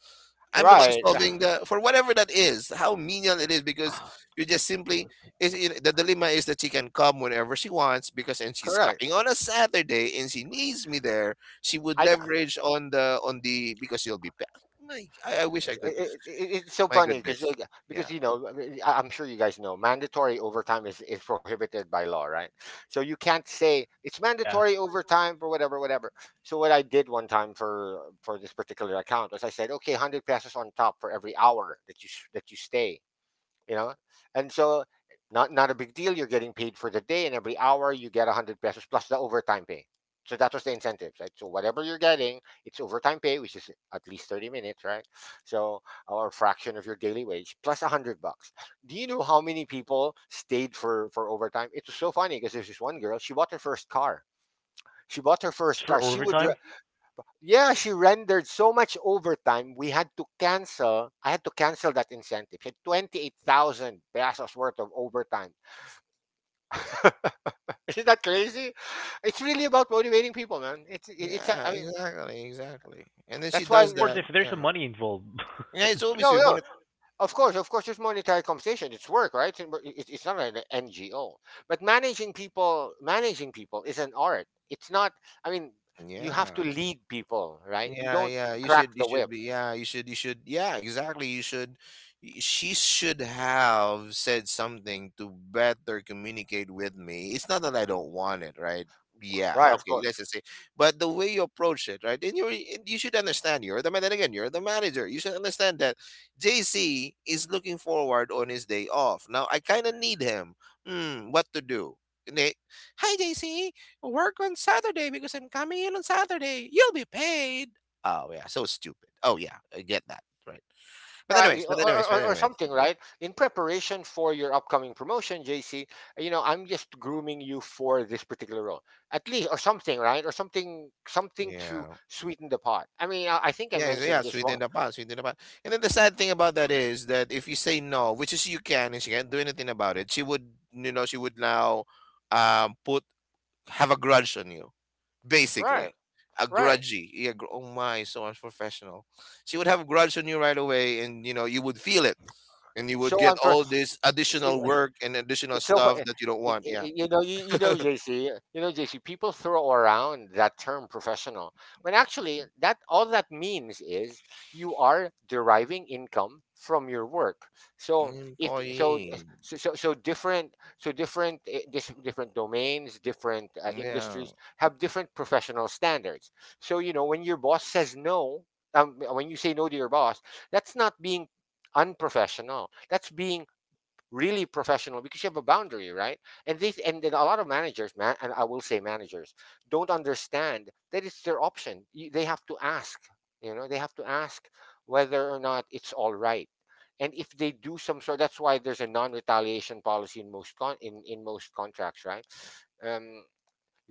I'm the one
right, right,
solving the for whatever that is, how menial it is. Because you just simply is it, the dilemma is that she can come whenever she wants because and she's
correct.
coming on a Saturday and she needs me there. She would
I, it,
leverage on the because you'll be. Pa- My, I wish I could.
it, it's so
My
funny
goodness. Yeah.
because you know I'm sure you guys know mandatory overtime is prohibited by law, right? So you can't say it's
Yeah,
mandatory overtime for whatever, whatever. So what I did one time for this particular account was I said, okay, 100 pesos on top for every hour that that you stay you know and so not not a big deal you're getting paid for the day and every hour you get 100 pesos plus the overtime pay so that was the incentives right so whatever you're getting it's overtime pay which is at least 30 minutes right so or a fraction of your daily wage plus 100 bucks do you know how many people stayed for overtime it was so funny because there's this one girl she bought her
just
first
for
car she would.
overtime.
Yeah, she rendered so much overtime. We had to cancel. I had to cancel that incentive. She had 28,000 pesos worth of overtime. Isn't that crazy? It's really about motivating people, man. It's it, it's. A-
Yeah.
I mean,
Exactly. Exactly. And then she
that's why.
does
Of course,
that.
if there's some
Yeah.
money involved.
Yeah. It's always
No,
be
no.
monitored.
Of course, of course. There's monetary compensation. It's work, right? It's not an NGO. But managing people is an art. It's not. I mean, you have
Yeah.
to lead people, right? You
Yeah,
don't
yeah,
crack
you
the
should
whip,
be, yeah, you should, yeah, exactly. You should, y- She should have said something to better communicate with me. It's not that I don't want it, right? Yeah,
right? Of
okay, let's
course.
just say, but the way you approach it, right? And you're, and you should understand, you're the man, and again, you're the manager. You should understand that JC is looking forward on his day off. Now, I kind of need him. Hmm, what to do? And they, hi, JC, work on Saturday because I'm coming in on Saturday. You'll be paid. Oh yeah, so stupid. Oh yeah, I get that. Right. But
Or I
anyways, but anyways, but
or
anyways.
something, right? In preparation for your upcoming promotion, JC, you know, I'm just grooming you for this particular role, at least, or something, right? Or something, something to
Yeah.
sweeten the pot. I mean, I think I mentioned this
Sweet
one,
in the pot, sweet in the pot. And then the sad thing about that is that if you say no, which is you can and she can't do anything about it, she would you know, she would now put have a grudge on you,
right?
basically. A
Right.
grudgy. Oh my, so unprofessional. She would have a grudge on you right away, and you know you would feel it, and you would
So
get
I'm pre-
all this additional work and additional
It's so fu-
stuff
it,
that you don't want. Yeah,
JC. JC, people throw around that term professional when actually that all that means is you are deriving income from your work. so if so
employee.
so so, so different, different domains, different
Yeah,
industries have different professional standards. So when your boss says no, when you say no to your boss, that's not being unprofessional, that's being really professional because you have a boundary, right? And this and then a lot of managers, man, and I will say managers, don't understand that it's their option. They have to ask, they have to ask whether or not it's all right. And if they do some sort, that's why there's a non-retaliation policy in most in most contracts, right? um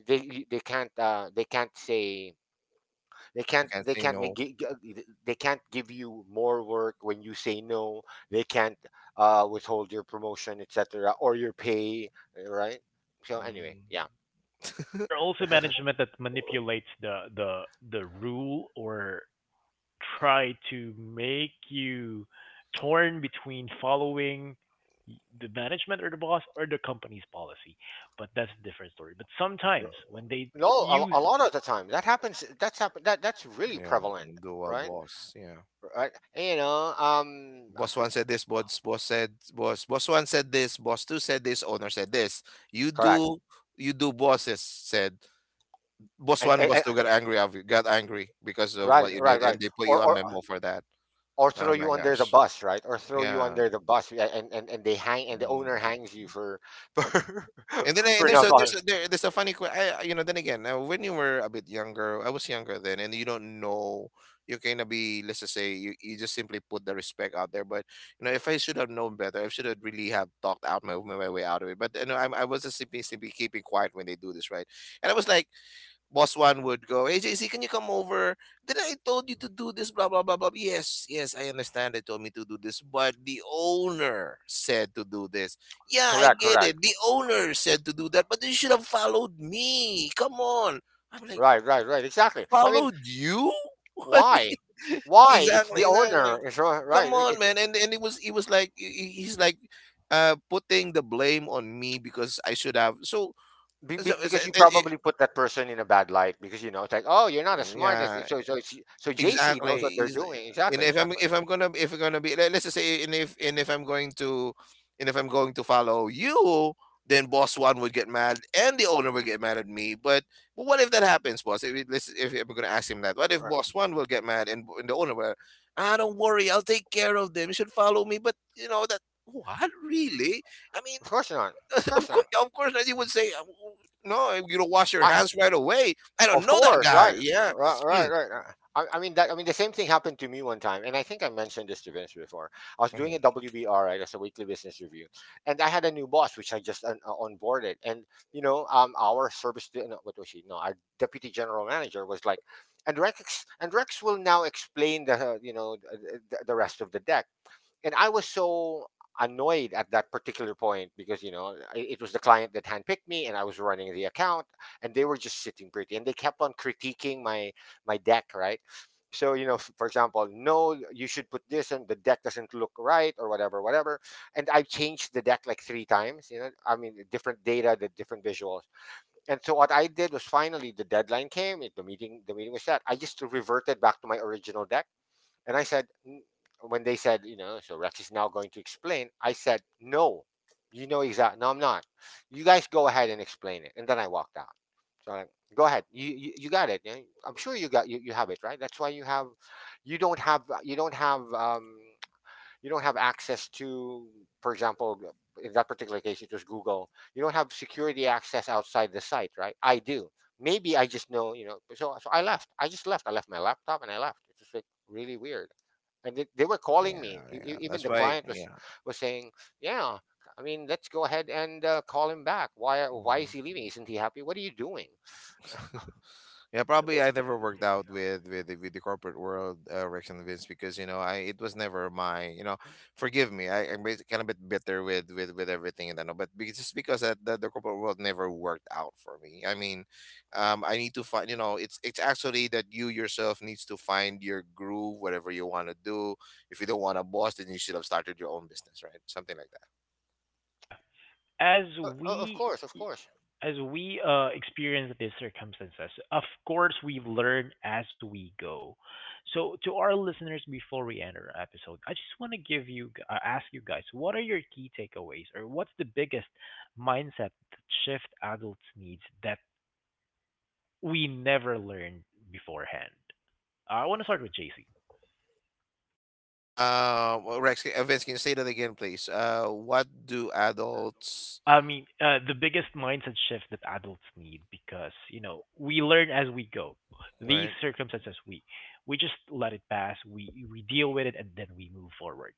they can't, they can't say, they
you
can't,
can
they
say
can't make,
no.
they can't give you more work when you say no. They can't withhold your promotion, etc., or your pay, right? So anyway,
Mm,
yeah.
There are also management that manipulates the the rule or try to make you torn between following the management or the boss or the company's policy. But that's a different story. But sometimes when they
No, a,
use
a lot
the,
of the time that happens. That's happen. That's really
yeah,
prevalent,
dual
right?
boss. Yeah,
Right. You know.
boss one said this. Boss boss one said this. Boss two said this. Owner said this. You
Correct.
do you do bosses said boss
And,
one,
and,
boss
and-
two got angry of you, got angry because of
right,
what you
right,
did,
right.
and they put
Or
you a
or
memo for that.
or throw
Oh
you
my
under the
gosh,
bus, right? Or throw you
yeah.
under the bus, yeah, and they hang and the owner
Mm.
hangs you for for
And then
for not.
there's a funny you know then again when you were a bit younger I was younger then and you don't know you kind of be let's just say you, you just simply put the respect out there but you know if I should have known better I should have really have talked out my way out of it but you know I was just simply keeping quiet when they do this right and I was like boss one would go, "Hey JC, can you come over? Then I told you to do this, blah blah blah blah." Yes, yes, I understand they told me to do this, but the owner said to do this. Yeah, I
Correct.
get
Correct.
it. The owner said to do that, but you should have followed me. Come on. I'm like,
Right, right, right. Exactly. I mean,
followed you? I
why?
mean
Why? If the
exactly, exactly.
owner. Right.
Come on, man. And it was like he's like putting the blame on me because I should have so
Be, be,
so, so
because
it,
you
it-
probably put that person in a bad light because it's like, oh, you're not as smart as
yeah.
so, so it's, so JC knows what
Exactly.
they're doing.
And
Exactly, exactly.
if I'm gonna be let, let's just say and if I'm going to and if I'm going to follow you, then boss one would get mad and the owner would get mad at me. But what if that happens, boss? If it, let's if I'm gonna ask him that, what if
Right.
boss one will get mad and the owner will? Ah, don't worry, I'll take care of them. You should follow me. But you know that what really? I mean,
Of course not. Of course not.
of course, he would say, no. You don't wash your
I.
hands right away. I don't
Of
know that
course,
guy."
right,
Yeah.
right, right, right. I mean that. I mean the same thing happened to me one time, and I think I mentioned this to Vince before. I was doing
Mm.
a WBR, right, as a weekly business review, and I had a new boss, which I just on, onboarded, and our service, de- no, what was she? No, our deputy general manager was like, and Rex will now explain the, the, the rest of the deck. And I was so annoyed at that particular point because it was the client that handpicked me and I was running the account, and they were just sitting pretty and they kept on critiquing my, my deck, right? So for example, no, you should put this, and the deck doesn't look right, or whatever, whatever. And I changed the deck like 3 times, I mean different data, the different visuals. And so what I did was, finally the deadline came, the meeting, the meeting was set, I just reverted back to my original deck. And I said, "N-" when they said, so Rex is now going to explain, I said, no, exactly. No, I'm not. You guys go ahead and explain it. And then I walked out. So I'm like, go ahead. You, you got it. Yeah? I'm sure you got, you have it right. That's why you have, you don't have, you don't have, you don't have access to, for example, in that particular case, it was Google. You don't have security access outside the site, right? I do. Maybe I just know, you know. So, so I left. I just left. I left my laptop and I left. It's just like really weird. And they were
Yeah,
calling me.
yeah.
Even
That's
the
why,
client
yeah.
was saying, "Yeah, I mean, let's go ahead and call him back. Why? Why is
Mhm.
he leaving? Isn't he happy? What are you doing?"
Yeah, probably I never worked out with the corporate world, Rex and Vince, because you know I it was never my you know. Forgive me, I'm kind of bit bitter with everything and I know, but because, just because that the corporate world never worked out for me. I mean, I need to find you know it's actually that you yourself needs to find your groove, whatever you want to do. If you don't want a boss, then you should have started your own business, right? Something like that.
yeah, as
Oh, of
we
course, of course.
as we experience these circumstances, of course we learn as we go. So to our listeners, before we end our episode, I just want to ask you guys, what are your key takeaways, or what's the biggest mindset shift adults needs that we never learned beforehand. I want to start with JC.
Well, Rex, Vince, can you say that again, please? What do adults,
I mean, the biggest mindset shift that adults need because you know we learn as we go. These
right?
circumstances, we just let it pass. We deal with it and then we move forward.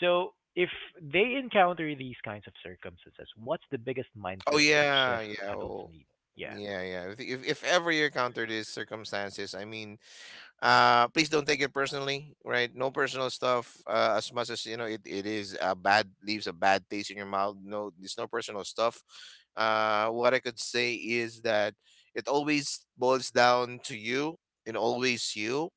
So if they encounter these kinds of circumstances, what's the biggest
Oh
mindset
yeah,
shift
yeah,
adults
well,
need? Yeah,
yeah. If, if ever you encounter these circumstances, I mean, please don't take it personally, right? No personal stuff. As much as you know, it is a bad leaves a bad taste in your mouth. No, it's no personal stuff. What I could say is that it always boils down to you and always you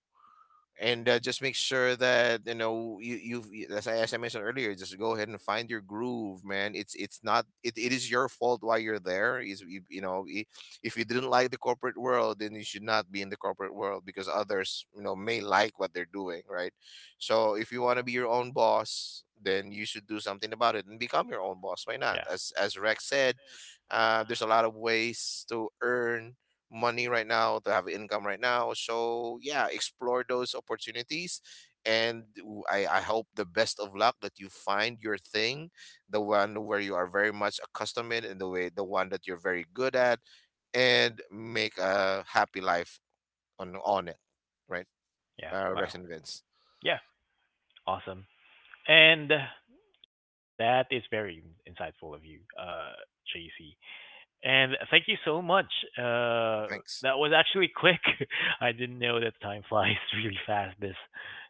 and just make sure that you know as as I mentioned earlier, just go ahead and find your groove, man. It's not it, It is your fault why you're there is you, if you didn't like the corporate world, then you should not be in the corporate world, because others you know may like what they're doing, right? So if you want to be your own boss, then you should do something about it and become your own boss, why not,
yeah,
as Rex said, there's a lot of ways to earn money right now, to have income right now. So yeah, explore those opportunities. And I hope the best of luck that you find your thing, the one where you are very much accustomed in and the one that you're very good at, and make a happy life on it. Right?
yeah. Wow.
Rex and Vince.
Yeah, awesome. And that is very insightful of you, JC. And thank you so much.
Well,
Uh,
thanks.
that was actually quick. I didn't know that time flies really fast this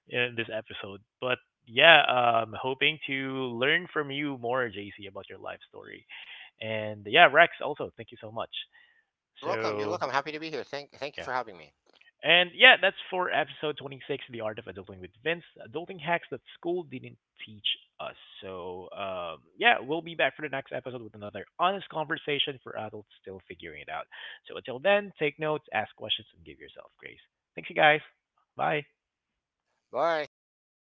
in this episode. But yeah, hoping to learn from you more, JC, about your life story. And yeah, Rex, also thank you so much.
You're welcome. You're
So
welcome. Happy to be here. Thank you
yeah,
for having me.
and yeah, that's for episode 26, The Art of Adulting with Vince, adulting hacks that school didn't teach us. So, yeah, we'll be back for the next episode with another honest conversation for adults still figuring it out. So, until then, take notes, ask questions, and give yourself grace. Thanks, you guys. Bye.
Bye. Thanks.
Bye.